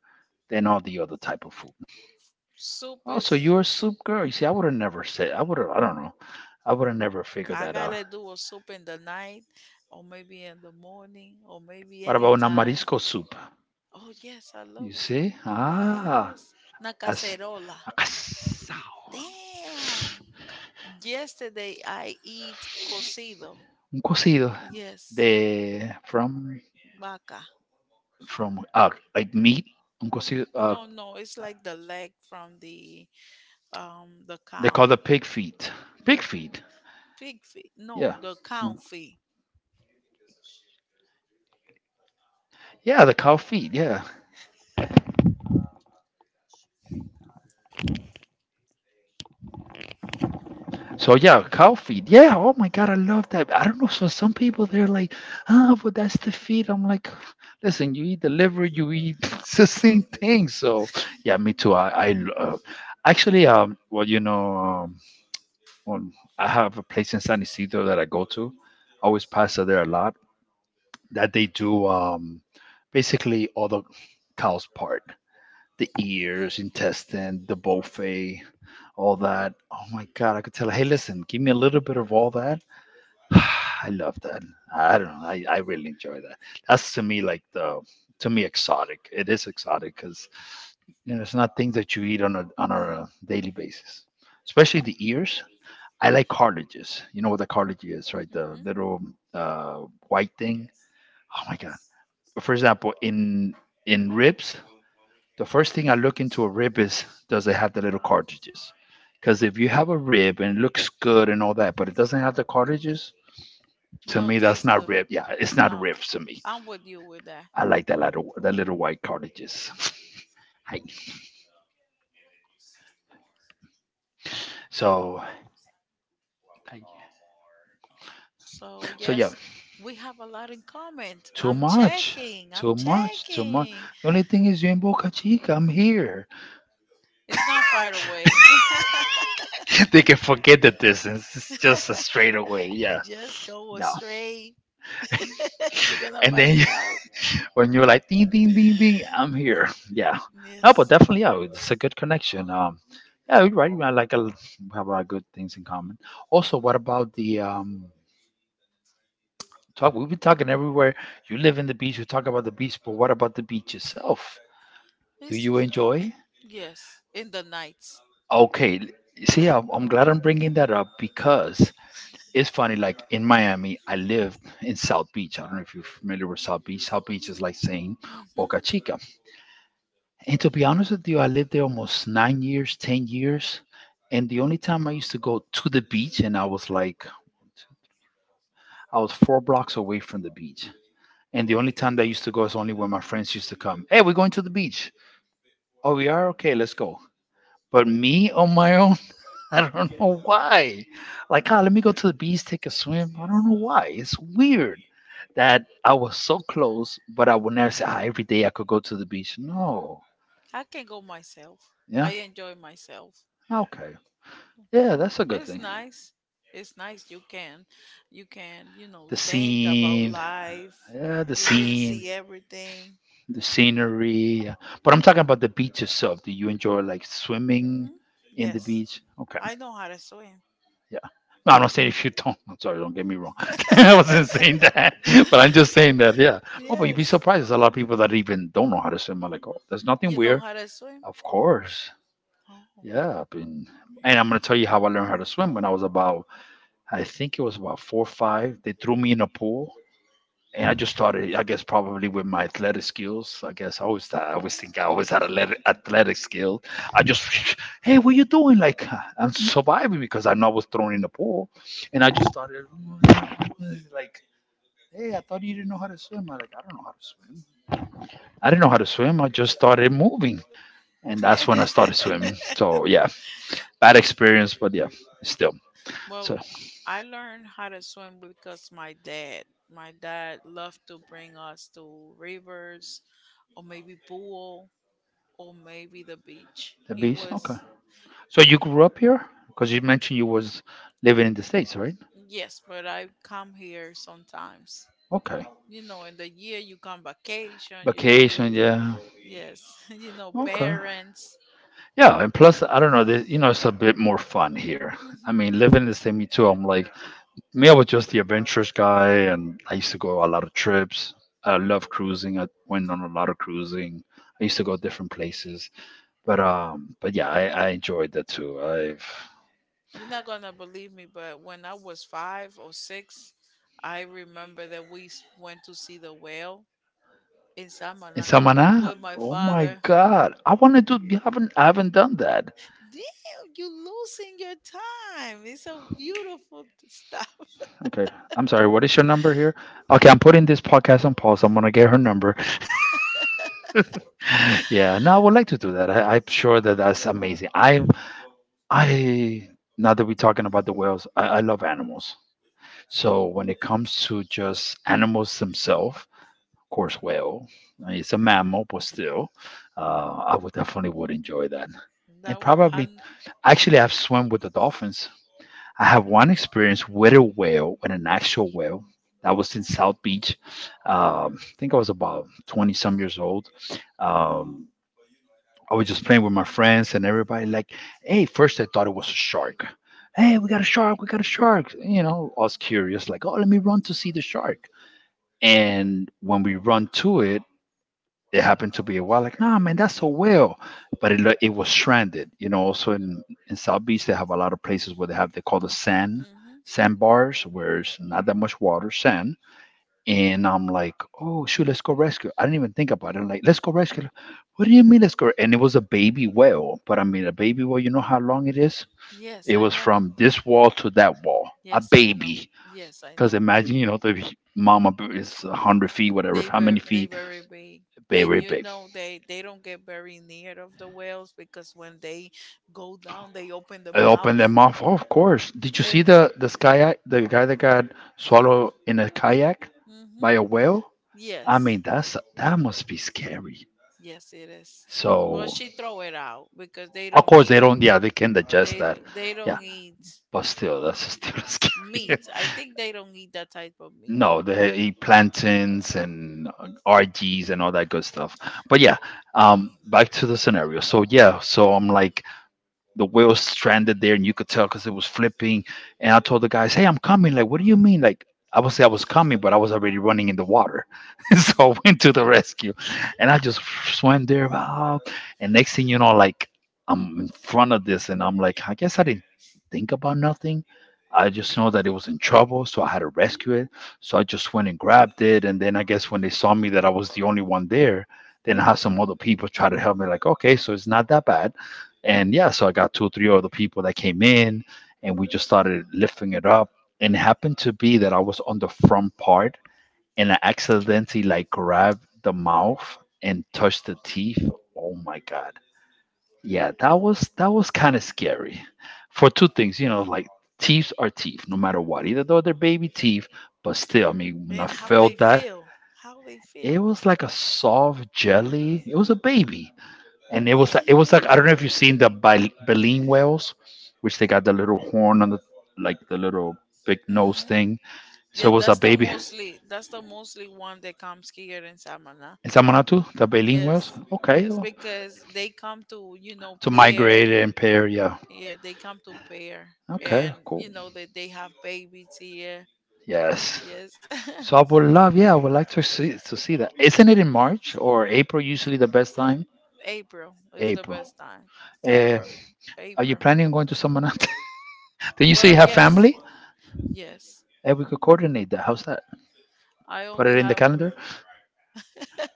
B: than all the other type of food.
A: Soup
B: Oh, so
A: is.
B: you're a soup girl. You see, I would have never said. I would have. I don't know. I would have never figured
A: I
B: that out.
A: gotta do a soup in the night, or maybe in the morning, or maybe
B: What about una
A: anytime.
B: marisco soup?
A: Oh yes, I
B: You
A: love it.
B: see? Ah,
A: Yes, una
B: as
A: cacerola.
B: acasao.
A: Damn. Yesterday I eat cocido.
B: Un cocido
A: Yes,
B: de
A: vaca.
B: from like meat. Un cocido.
A: No, no, it's like the leg from the
B: They
A: cow,
B: call the pig feet. Pig
A: the
B: feet.
A: pig feet.
B: Yeah.
A: No, the
B: It's
A: cow
B: m-
A: feet.
B: Yeah, the cow feet. Yeah. So yeah, cow feed. Yeah. Oh my God, I love that. I don't know. So some people they're like, ah, but that's the feed. I'm like, listen, you eat the liver, you eat it's the same thing. So yeah, me too. Actually, well, I have a place in San Isidro that I go to. I always pass there a lot. That they do basically all the cows part, the ears, intestine, the buffet, all that. Oh my God, I could tell, hey, listen, give me a little bit of all that. I love that. I don't know. I really enjoy that. That's to me like the, to me, exotic. It is exotic because you know, it's not things that you eat on on a daily basis, especially the ears. I like cartilages. You know what the cartilage is, right? The
A: Hmm.
B: little white thing. Oh my God. For example, in ribs, the first thing I look into a rib is does it have the little cartridges? Because if you have a rib and it looks good and all that, but it doesn't have the cartridges, to
A: No,
B: me that's
A: tastes
B: not
A: good.
B: rib. Yeah, it's not
A: No,
B: rib to me.
A: I'm with you with that.
B: I like that little white cartridges. Hi. so,
A: So
B: so yeah,
A: yes, we have a lot in common.
B: too
A: I'm
B: much,
A: checking. I'm
B: too much.
A: checking.
B: The only thing is you're in Boca Chica. I'm here.
A: It's not far away.
B: They can forget the distance. It's just a straightaway. Yeah,
A: Just go
B: no.
A: straight. You're gonna
B: And
A: buy
B: then
A: me out.
B: when you're like ding ding ding ding, I'm here. Yeah, no, but
A: Yes.
B: definitely, yeah, it's a good connection. Yeah, you're right, man, like we have a lot of good things in common. Also, what about the talk? We've been talking everywhere. You live in the beach, we talk about the beach, but what about the beach itself? Do
A: It's,
B: you enjoy?
A: yes, in the nights.
B: Okay. See, I'm glad I'm bringing that up, because it's funny, like in Miami I lived in South Beach. I don't know if you're familiar with South Beach. South Beach is like saying
A: Hmm.
B: Boca Chica. And to be honest with you, I lived there almost 9 years, 10 years. And the only time I used to go to the beach, and I was like, I was four blocks away from the beach. And the only time that I used to go is only when my friends used to come. Hey, we're going to the beach. Oh, we are? Okay, let's go. But me on my own, I don't know why. Like, ah, let me go to the beach, take a swim. I don't know why. It's weird that I was so close, but I would never say, ah, every day I could go to the beach. No.
A: I can go myself. I
B: Yeah.
A: enjoy myself.
B: Okay. Yeah,
A: Hmm,
B: that's a good
A: it's
B: thing.
A: nice. It's nice. You can, you know,
B: the
A: think about
B: scene,
A: life.
B: yeah, the
A: You can
B: scene,
A: see everything.
B: the scenery. Yeah. But I'm talking about the beach itself. Do you enjoy like swimming
A: Hmm.
B: in the
A: Yes,
B: beach? Okay,
A: I know how to swim.
B: yeah. No, I'm not saying if you don't. I'm sorry, don't get me wrong. I wasn't saying that, but I'm just saying that. Yeah. Oh, but you'd be
A: Yes.
B: surprised. There's a lot of people that even don't know how to swim. I'm like, oh, there's nothing
A: You know
B: weird.
A: how to swim?
B: Of course.
A: Oh.
B: Yeah. And I'm gonna tell you how I learned how to swim when I was about, I think it was about four or five. They threw me in a pool. And I just started, I guess, probably with my athletic skills. I guess I always thought, I always think I always had athletic skills. I just, Hey, what you doing? Like, I'm surviving because I know I was thrown in the pool. And I just started, like, hey, I thought you didn't know how to swim. I like, I don't know how to swim. I didn't know how to swim. I just started moving. And that's when I started swimming. So, yeah, bad experience, but yeah, still. So,
A: Well, I learned how to swim because my dad. My dad loved to bring us to rivers, or maybe pool, or maybe the beach.
B: the
A: He
B: beast, okay.
A: was
B: So
A: he
B: you grew up here? Because you mentioned you was living in the States, right?
A: Yes, but I come here sometimes.
B: Okay.
A: You know, in the year you come vacation, you do
B: Vacation,
A: this.
B: yeah.
A: Yes, you know,
B: Okay.
A: parents.
B: Yeah, and plus, I don't know, you know, it's a bit more fun here. I
A: Hmm.
B: mean, living in the same, me too, I'm like, me, I was just the adventurous guy, and I used to go a lot of trips. I love cruising. I went on a lot of cruising. I used to go different places, but yeah, I enjoyed that too. I've
A: You're not gonna believe me, but when I was five or six, I remember that we went to see the whale in
B: in
A: Samana
B: Samana.
A: with my
B: Oh my
A: father.
B: God, I want to do. You haven't, I haven't done that.
A: Damn, you're losing your time. It's a beautiful stuff.
B: Okay, I'm sorry. What is your number here? Okay, I'm putting this podcast on pause. I'm gonna get her number. Yeah, no, I would like to do that. I'm sure that that's amazing. I, Now that we're talking about the whales, I love animals. So when it comes to just animals themselves, of course, whale, it's a mammal, but still, I would definitely would enjoy that. And
A: Now
B: probably,
A: I'm.
B: actually, I've swum with the dolphins. I have one experience with a whale, with an actual whale. That was in South Beach. I think I was about 20 some years old. Um, I was just playing with my friends and everybody. Like, hey, first I thought it was a shark. Hey, we got a shark. We got a shark. You know, I was curious. Like, oh, let me run to see the shark. And when we run to it, it happened to be a whale. Like, nah, man, that's a whale. But it lo- it was stranded. You know, also in South Beach they have a lot of places where they have they call the sand
A: Mhm.
B: sandbars where it's not that much water, sand. And I'm like, oh shoot, let's go rescue. I didn't even think about it. I'm like, let's go rescue. What do you mean let's go? And it was a baby whale. But I mean a baby whale, you know how long it is?
A: Yes,
B: It
A: I
B: was
A: know.
B: from this wall to that wall. A
A: Yes, I know.
B: baby.
A: Yes, I
B: Because
A: know.
B: imagine, you know, the mama b- is 100 feet, whatever,
A: They
B: how many
A: bur- they
B: feet?
A: very big. And
B: Very
A: you
B: big.
A: know they don't get very near of the whales because when they go down they open the
B: I opened their
A: mouth.
B: mouth. Oh, of course. Did you see
A: And
B: the sky the guy that got swallowed in a kayak
A: hmm.
B: by a whale? I
A: Yes,
B: mean, that's that must be scary.
A: yes it is. But
B: So,
A: she throw it out because they
B: of
A: don't
B: course, they
A: eat.
B: don't. Yeah, they can digest
A: They
B: that.
A: d- they
B: Yeah,
A: don't eat
B: but still, that's still scary.
A: meat. I think they don't eat that type of meat.
B: No, they eat plantains and RGs and all that good stuff. But yeah, back to the scenario. So yeah, so I'm like the whale stranded there, and you could tell because it was flipping. And I told the guys, "Hey, I'm coming." Like, what do you mean? Like, I would say I was coming, but I was already running in the water, so I went to the
A: Hmm.
B: rescue, and I just swam there. And next thing you know, like I'm in front of this, and I'm like, I guess I didn't think about nothing. I just know that it was in trouble, so I had to rescue it. So I just went and grabbed it, and then I guess when they saw me that I was the only one there, then I had some other people try to help me. Like, okay, so it's not that bad. And yeah, so I got two or three other people that came in and we just started lifting it up. And it happened to be that I was on the front part and I accidentally like grabbed the mouth and touched the teeth. Oh my God. Yeah, that was kind of scary. For two things, you know, like teeth are teeth, no matter what. Either though they're baby teeth, but still, I mean, when I
A: And how they
B: felt that,
A: feel. How they
B: it
A: feel.
B: was like a soft jelly. It was a baby and
A: Eh.
B: it was like I don't know if you've seen the Bal- baleen whales, which they got the little horn on the like the little big nose
A: Hmm.
B: thing. So
A: Yeah,
B: it was a
A: that's the
B: baby
A: mostly, that's the mostly one that comes here in Samana.
B: in Samanatu, the baleen whales.
A: Yes,
B: Okay,
A: yes,
B: well,
A: because they come to, you know,
B: to migrate
A: pair.
B: and pair. Yeah.
A: Yeah, they come to pair.
B: Okay.
A: And you
B: Cool.
A: know that they have babies here.
B: Yes.
A: Yes.
B: So I would love. Yeah, I would like to see that. Isn't it in March or April usually the best time?
A: April is the
B: April.
A: best time.
B: Uh,
A: February,
B: are you
A: April.
B: planning on going to Samanatu? Then you say
A: Well,
B: you have
A: yes.
B: family,
A: Yes.
B: and we could coordinate that. How's that?
A: I
B: Put
A: only
B: it in the
A: have.
B: calendar.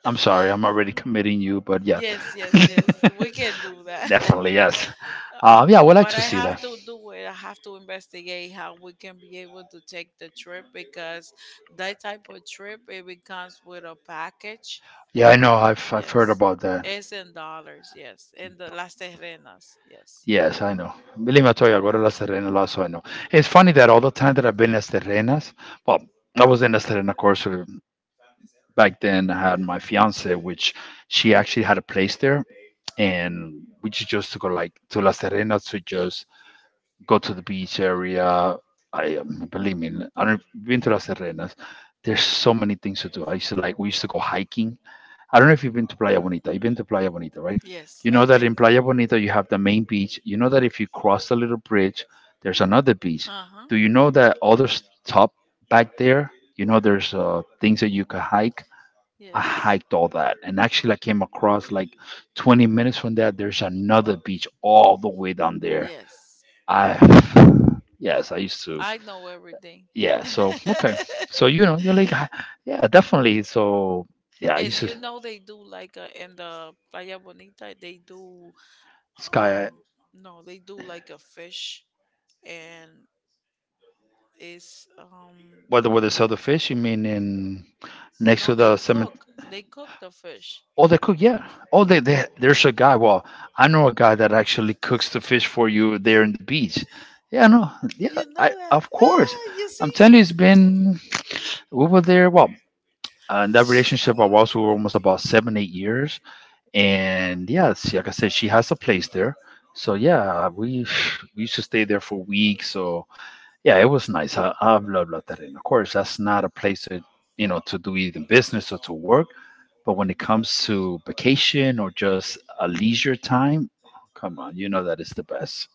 B: I'm sorry, I'm already committing you, but yeah,
A: Yes, yes, yes, we can do that.
B: definitely yes. Yeah, I would like
A: What I
B: to see
A: have
B: that.
A: to do is I have to investigate how we can be able to take the trip because that type of trip it becomes with a package.
B: Yeah, I know. I've heard
A: Yes.
B: about that.
A: It's in dollars, yes. In the Las Terrenas, yes.
B: Yes, I know. Believe me, I told you, I go to Las Terrenas, lot, so I know. It's funny that all the time that I've been in Las Terrenas, well, I was in Las Terrenas, of course, back then. I had my fiance, which she actually had a place there, and we just used to go like to Las Terrenas to just go to the beach area. I Believe me, I don't been to Las Terrenas. There's so many things to do. I used to like we used to go hiking. I don't know if you've been to Playa Bonita. You've been to Playa Bonita, right?
A: Yes,
B: You know
A: I've
B: that
A: been.
B: in Playa Bonita you have the main beach. You know that if you cross the little bridge, there's another beach.
A: Uh huh.
B: Do you know that other s- top back there? You know there's things that you can hike. I
A: Yes.
B: hiked all that, and actually I came across like 20 minutes from that. There's another beach all the way down there.
A: Yes.
B: I yes, I used to.
A: I know everything.
B: Yeah, so okay. So you know, you're like "Ah, yeah, definitely." So yeah, I
A: And
B: used to
A: you know they do like, in the Playa Bonita they do.
B: sky
A: Um, no, they do like a fish, and it's.
B: whether where they sell the fish, you mean in next
A: No,
B: to
A: they
B: the cemetery.
A: cook. They cook the fish.
B: Oh, they cook, yeah. Oh, they there's a guy. Well, I know a guy that actually cooks the fish for you there in the beach. Yeah, no, yeah,
A: You know
B: I
A: that?
B: of course.
A: Ah, you
B: I'm
A: see,
B: telling you, it's been we were there. Well, in that relationship, I was we were almost about 7, 8 years, and yeah, she, like I said, she has a place there. So yeah, we we used to stay there for weeks. So yeah, it was nice. I've loved, loved that. And of course, that's not a place to to do even business or to work, but when it comes to vacation or just a leisure time, come on, you know that is the best,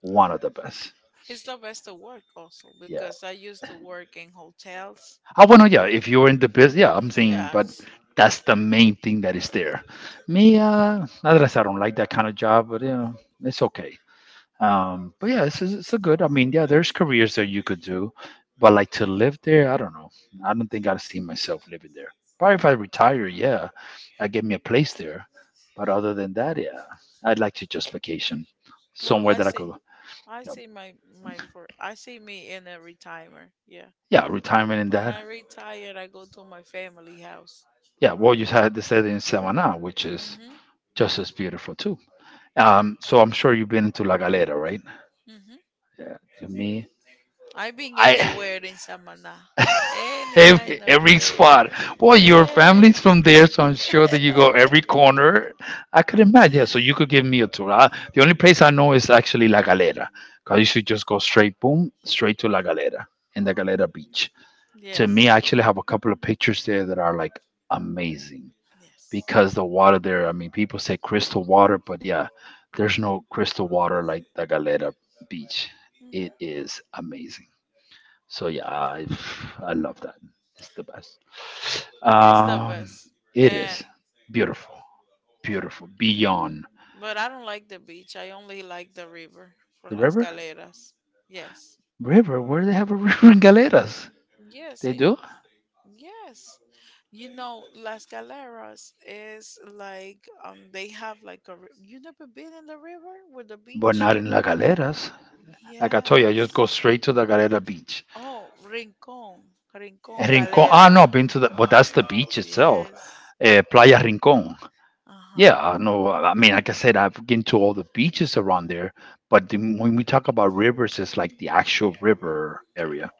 B: one of the best.
A: it's the best to work also
B: Yeah.
A: because I used to work in hotels.
B: I want to, yeah, if you're in the business, yeah, I'm
A: Mm,
B: saying, but
A: yes.
B: that's the main thing that is there. Me, not that I said I don't like that kind of job, but you know, it's okay. But yeah, it's a good. I mean, yeah, there's careers that you could do, but like to live there, I don't know. I don't think I'd see myself living there. Probably if I retire, yeah, I get me a place there. But other than that, yeah, I'd like to just vacation
A: Well,
B: somewhere
A: I
B: that I could.
A: see. I
B: You know,
A: see my my for. I see me in a retirement. Yeah.
B: yeah, retirement and
A: When I
B: that.
A: retire, I go to my family house.
B: Yeah, well, you had this said in Samaná, which is
A: Mhm.
B: just as beautiful too. So I'm sure you've been to La Galera, right?
A: Mhm.
B: Yeah, to me,
A: I been
B: I
A: anywhere in Samana, any
B: Every,
A: kind of
B: every
A: way.
B: spot. Well, your
A: Every.
B: family's from there, so I'm sure that you go every corner. I could imagine. Yeah, so you could give me a tour. The only place I know is actually La Galera. Because you should just go straight, boom, straight to La Galera and La Galera Beach. To
A: Yes.
B: me, I actually have a couple of pictures there that are like amazing
A: Yes.
B: because the water there, I mean, people say crystal water, but yeah, there's no crystal water like La Galera Beach. It
A: Hmm.
B: is amazing. So yeah, I love that. It's the best.
A: It's the
B: Um,
A: best.
B: it
A: And
B: is beautiful, beautiful beyond
A: but I don't like the beach. I only like the river
B: the
A: from Las
B: river.
A: Galeras. Yes.
B: River? Where they have a river in Galeras?
A: Yes,
B: They
A: it,
B: do,
A: yes. You know, Las Galeras is like, um, they have like a you never been in the river with the
B: but
A: beach?
B: not in La Galeras. Like I told you, I just
A: Yes.
B: go straight to the Galera beach.
A: Oh, Rincon. Rincon
B: Rincon. Ah,
A: Galera.
B: no, been to the, but that's the beach itself.
A: Yes.
B: Playa Rincon.
A: Uh-huh.
B: Yeah, I know. I mean, like I said, I've been to all the beaches around there, but the, when we talk about rivers, it's like the actual river area.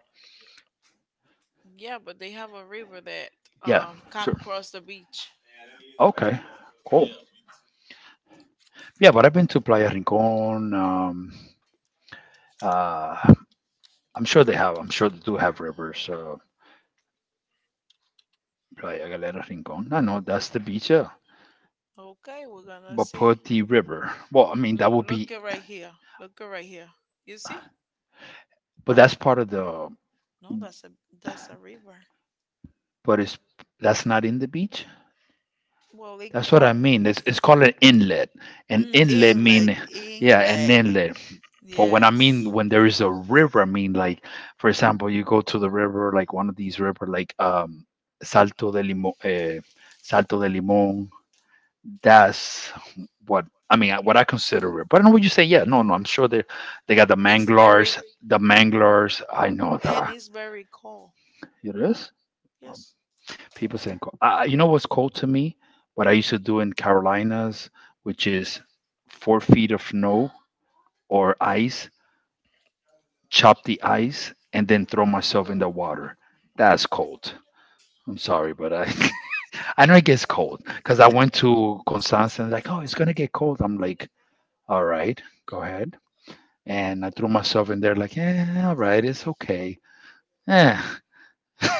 A: Yeah, but they have a river that
B: Yeah,
A: come
B: sure.
A: across the beach.
B: Okay, cool. Yeah, but I've been to Playa Rincon. Uh, I'm sure they have. I'm sure they do have rivers. Playa Galera Rincon. No, no, that's the beach. Yeah,
A: Okay, we're gonna
B: but
A: see.
B: put the river. Well, I mean that would
A: Look
B: be,
A: it right here. Look it right here. You see?
B: but that's part of the.
A: No, that's a river.
B: But it's that's not in the beach.
A: Well, it
B: That's what I mean. It's called an inlet. An
A: mm,
B: inlet mean yeah, an
A: inlet.
B: inlet. But when I
A: Yes,
B: mean when there is a river, I mean like for example, you go to the river, like one of these river, like Salto de Limon, Salto de Limon. That's what I mean. What I consider it. But I know what you say. Yeah, no, no. I'm sure they got the
A: it's very,
B: manglars, the manglars. I know
A: and
B: that
A: it's very cold.
B: it is.
A: Yes,
B: People saying, cold. You know what's cold to me? What I used to do in Carolinas, which is 4 feet of snow or ice chop the ice, and then throw myself in the water. That's cold. I'm sorry, but I I know it gets cold because I went to Constanza and like, oh, it's gonna get cold. I'm like, all right, go ahead. And I threw myself in there like, eh, all right, it's okay. Eh.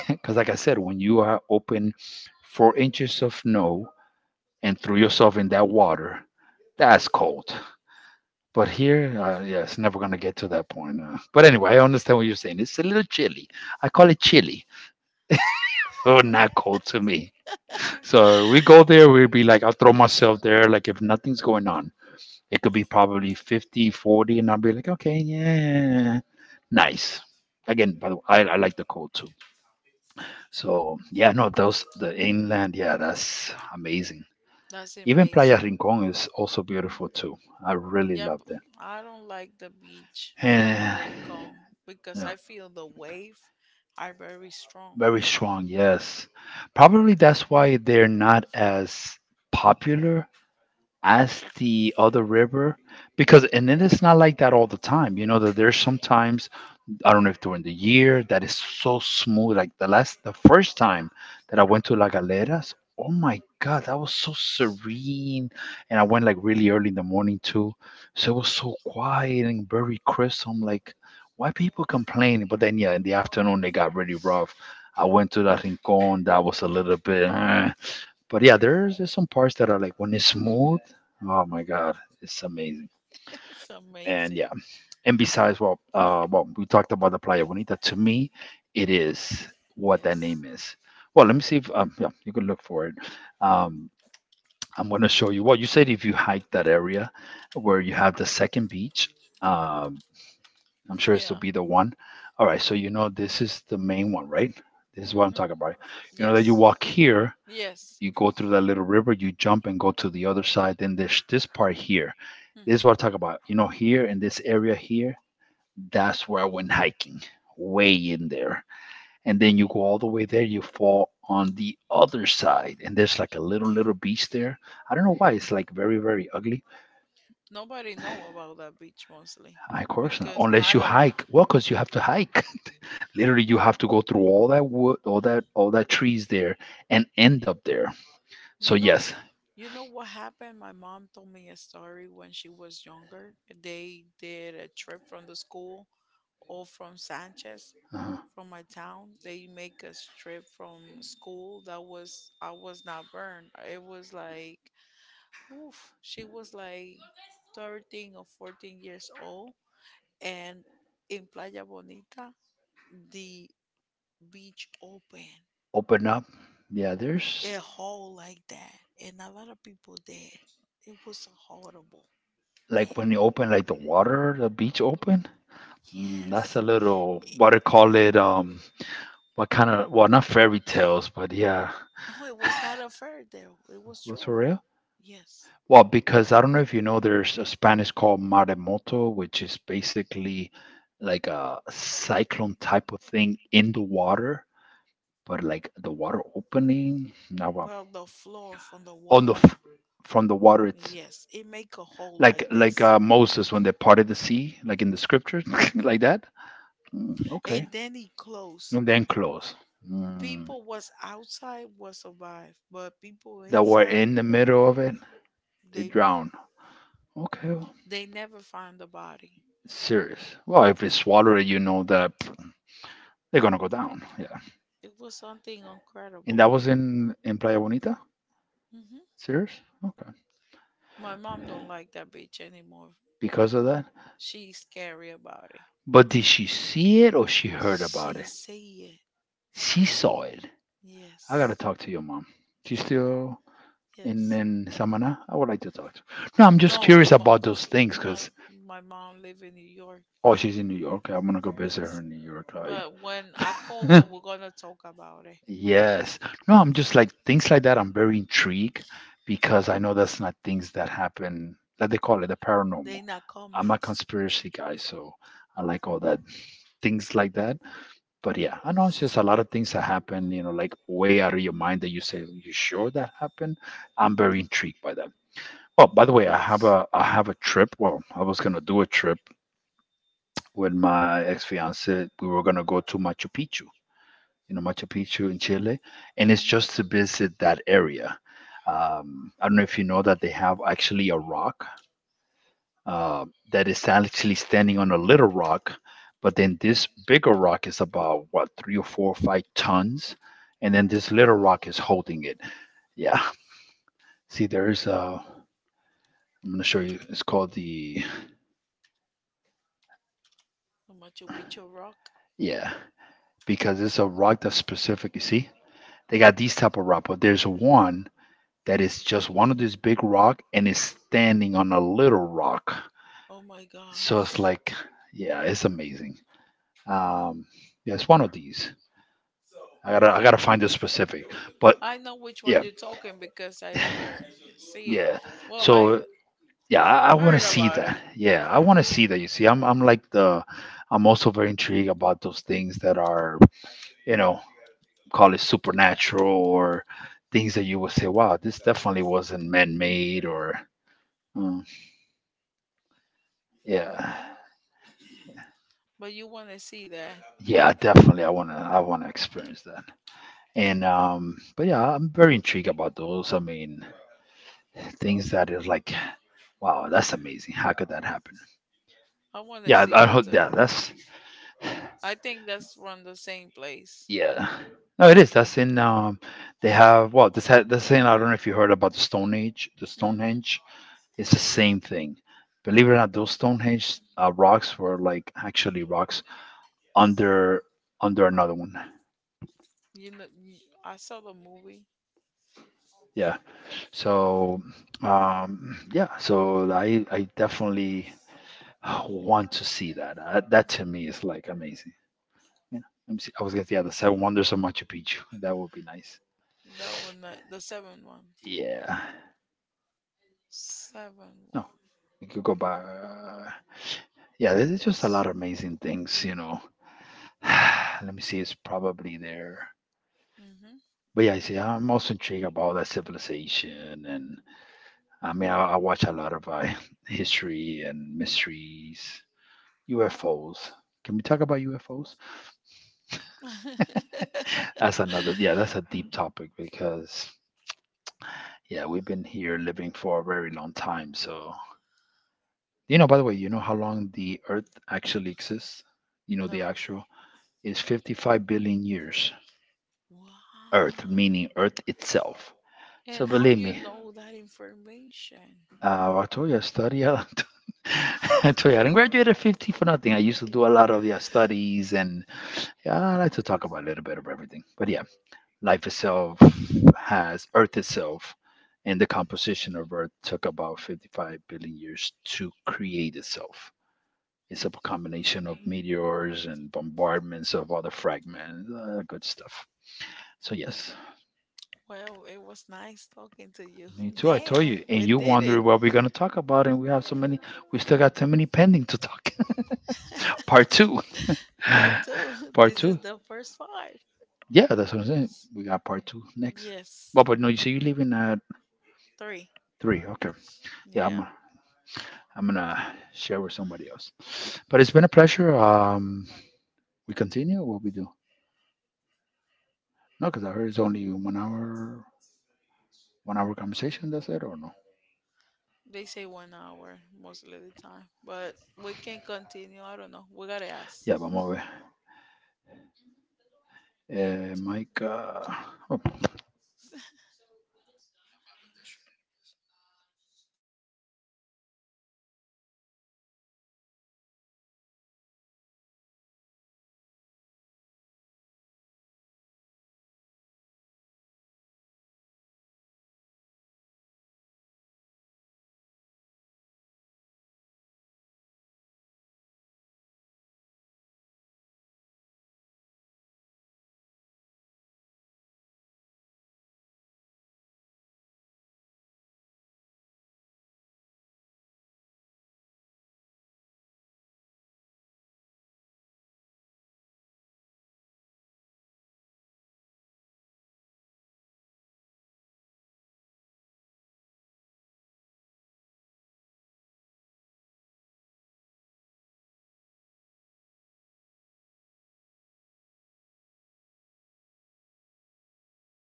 B: Because like I said, when you are open 4 inches of snow and threw yourself in that water, that's cold. But here, yeah, it's never gonna get to that point. But anyway, I understand what you're saying. It's a little chilly. I call it chilly. Oh, not cold to me. So we go there, we'd be like, I'll throw myself there, like if nothing's going on. It could be probably 50, 40, and I'll be like, okay, yeah, nice. Again, by the way, I like the cold too. So yeah, no, those the inland, yeah, that's amazing.
A: that's
B: Even Playa
A: amazing.
B: Rincon is also beautiful too. I really
A: Yeah, but
B: loved it.
A: I don't like the beach from
B: And
A: Rincon because
B: yeah,
A: I feel the wave are very strong.
B: very strong, yes. Probably that's why they're not as popular as the other river, because and then it's not like that all the time. You know that there's sometimes I don't know if during the year that is so smooth. Like the last, the first time that I went to la Galeras, oh my god, that was so serene. And I went like really early in the morning too, so it was so quiet and very crisp. I'm like, why people complaining? But then yeah, in the afternoon they got really rough. I went to La Rincon, that was a little bit eh. But yeah, there's some parts that are like when it's smooth, oh my god, it's amazing.
A: It's
B: And
A: amazing.
B: yeah, and besides, well, we talked about the Playa Bonita. To me, it is what that
A: Yes.
B: name is. Well, let me see if yeah, you can look for it. Um, I'm gonna show you. Well, you said if you hike that area where you have the second beach, um, I'm sure this will
A: Yeah.
B: be the one. All right, so you know this is the main one, right? This is what I'm
A: Mhm.
B: talking about. You know that you
A: Yes.
B: walk here,
A: Yes.
B: you go through that little river, you jump and go to the other side. Then there's this part here. This is
A: Mhm.
B: what I talk about. You know, here in this area here, that's where I went hiking, way in there. And then you go all the way there, you fall on the other side, and there's like a little little beach there. I don't know why it's like very very ugly.
A: Nobody know about that beach mostly
B: Of course, not.
A: because
B: Unless
A: not
B: you
A: a.
B: hike. Well, because you have to hike. Literally, you have to go through all that wood, all that trees there, and end up there. So
A: You know, yes,
B: yes,
A: you know what happened? My mom told me a story when she was younger. They did a trip from the school, or from Sanchez,
B: uh-huh.
A: from my town. They make a trip from school. That was, I was not burned. It was like, oof. She was like 13 or 14 years old, and in Playa Bonita, the beach open
B: Open up. Yeah, there's
A: a hole like that, and a lot of people there. It was horrible. There,
B: like when you open like the water, the beach open. Mm, that's
A: yes.
B: a little
A: It-
B: what I call it. What kind of, well, not fairy tales, but yeah,
A: no, it was not a fur there. It was
B: what's for
A: true.
B: real?
A: Yes.
B: Well, because I don't know if you know, there's a Spanish called maremoto, which is basically like a cyclone type of thing in the water. But like the water opening now,
A: Well, the floor from the
B: on the
A: water.
B: from the water, it's
A: Yes, it make a hole like
B: like
A: this.
B: Moses when they parted the sea like in the scripture
A: Mhm.
B: like that. Mm, okay,
A: And then it closed.
B: and then close, mm.
A: People was outside was survive, but people
B: That were
A: inside
B: in the middle of it, they
A: they were.
B: drown. Okay, well,
A: They never find the body.
B: serious. Well, if they swallow it, you know that they're gonna go down, yeah.
A: It was something
B: And
A: incredible.
B: that was in Playa Bonita.
A: Hmm.
B: Serious. Okay.
A: My mom don't like that bitch anymore.
B: Because of that.
A: She's scary about it.
B: But did she see it or she heard about
A: She
B: it?
A: say it.
B: She saw it. I gotta
A: Yes.
B: talk to your mom. She's still
A: Yes.
B: in Samana. I would like to talk to. No, I'm just
A: No,
B: curious
A: my,
B: about those things
A: my
B: because
A: my mom live in New York.
B: oh, she's in New York. I'm gonna go visit her
A: Yes.
B: in New York. I-
A: But when I call her, we're gonna talk about it.
B: yes. No, I'm just like things like that. I'm very intrigued because I know that's not things that happen. That they call it the
A: They
B: paranormal.
A: not
B: I'm a
A: comment.
B: conspiracy guy, so I like all that things like that. But yeah, I know it's just a lot of things that happen, you know, like way out of your mind that you say, "You sure that happened?" I'm very intrigued by that. Well, by the way, I have a trip. Well, I was gonna do a trip with my ex fiance. We were gonna go to Machu Picchu, you know, Machu Picchu in Chile, and it's just to
A: Mhm.
B: visit that area. I don't know if you know that they have actually a rock uh, that is actually standing on a little rock. But then this bigger rock is about what 3 or 4 or 5 tons, and then this little rock is holding it. Yeah. See, there's a. I'm gonna show you. It's called the
A: How much you your rock?
B: yeah because it's a rock that's specific. You see, they got these type of rock, but there's one that is just one of this big rock and is standing on a little rock.
A: Oh my
B: So it's
A: gosh.
B: like yeah, it's amazing. Um, yeah, it's one of these. I gotta
A: Oh,
B: I gotta find the specific, but
A: I know which one
B: yeah,
A: you're talking because I ever see it.
B: yeah.
A: Well, I
B: So yeah, I want
A: heard
B: to see
A: about it.
B: that. Yeah, I want to see that. You see, I'm like the I'm also very intrigued about those things that are you know call it supernatural or things that you would say, wow, this definitely wasn't man made or mm, yeah.
A: Hmm. But you want to see that.
B: Yeah, definitely. I wanna experience that. And but yeah, I'm very intrigued about those. I mean, things that is like, wow, that's amazing. How could that happen?
A: I want to
B: Yeah,
A: see
B: I
A: it
B: hope.
A: too.
B: Yeah, that's
A: I think that's from the same place.
B: yeah. No, it is. That's in. They have. Well, this had this thing. I don't know if you heard about the Stone Age. The
A: Hmm.
B: Stonehenge. It's the same thing. Believe it or not, those Stonehenge rocks were like actually rocks under under another one.
A: You know, y- I saw the movie.
B: Yeah. So yeah. So I definitely want to see that. That to me is like amazing. Yeah, let me see. I was gonna yeah, the Seven Wonders of Machu Picchu. That would be nice.
A: That one, the 7 one.
B: Yeah,
A: Seven
B: no,
A: one.
B: you could go by. Yeah, there's just a
A: Yes.
B: lot of amazing things, you know. Let me see. It's probably there.
A: Mm-hmm.
B: But yeah, I see. I'm also intrigued about that civilization, and I mean, I watch a lot of history and mysteries, UFOs. Can we talk about UFOs? That's another. Yeah, that's a deep topic because yeah, we've been here living for a very long time, so you know, by the way, you know how long the Earth actually exists? You know, the
A: No.
B: actual is 55 billion years.
A: Wow.
B: Earth, meaning Earth itself.
A: And
B: So
A: how
B: believe
A: you
B: me,
A: know that information?
B: I told you I study a lot. I told you I didn't graduate at 50 for nothing. I used to do a lot of yeah, studies and yeah, I like to talk about a little bit of everything. But yeah, life itself has Earth itself and the composition of Earth took about 55 billion years to create itself. It's a combination of meteors and bombardments of other fragments. Good stuff. So yes,
A: Well, it was nice talking to you.
B: me too. I told
A: Damn,
B: you, and
A: we
B: you
A: did it.
B: wondering what we're gonna talk about, and we have so many.
A: Mm.
B: We still got so many pending to talk. Part two,
A: Part two.
B: part
A: This is
B: two.
A: the first part.
B: Yeah, that's what I'm saying. We got part two next.
A: Yes.
B: Well, but no, you say you're leaving at
A: Three.
B: three. Okay. Yeah,
A: Yeah.
B: I'm. I'm gonna share with somebody else. But it's been a pleasure. We continue or what we do. No, because I heard it's only 1 hour, 1 hour conversation. That's it, or no?
A: They say 1 hour most of the time. But we can continue. I don't know. We gotta ask.
B: Ya, vamos a ver. Eh,
A: Mute.
B: Maika. Oh,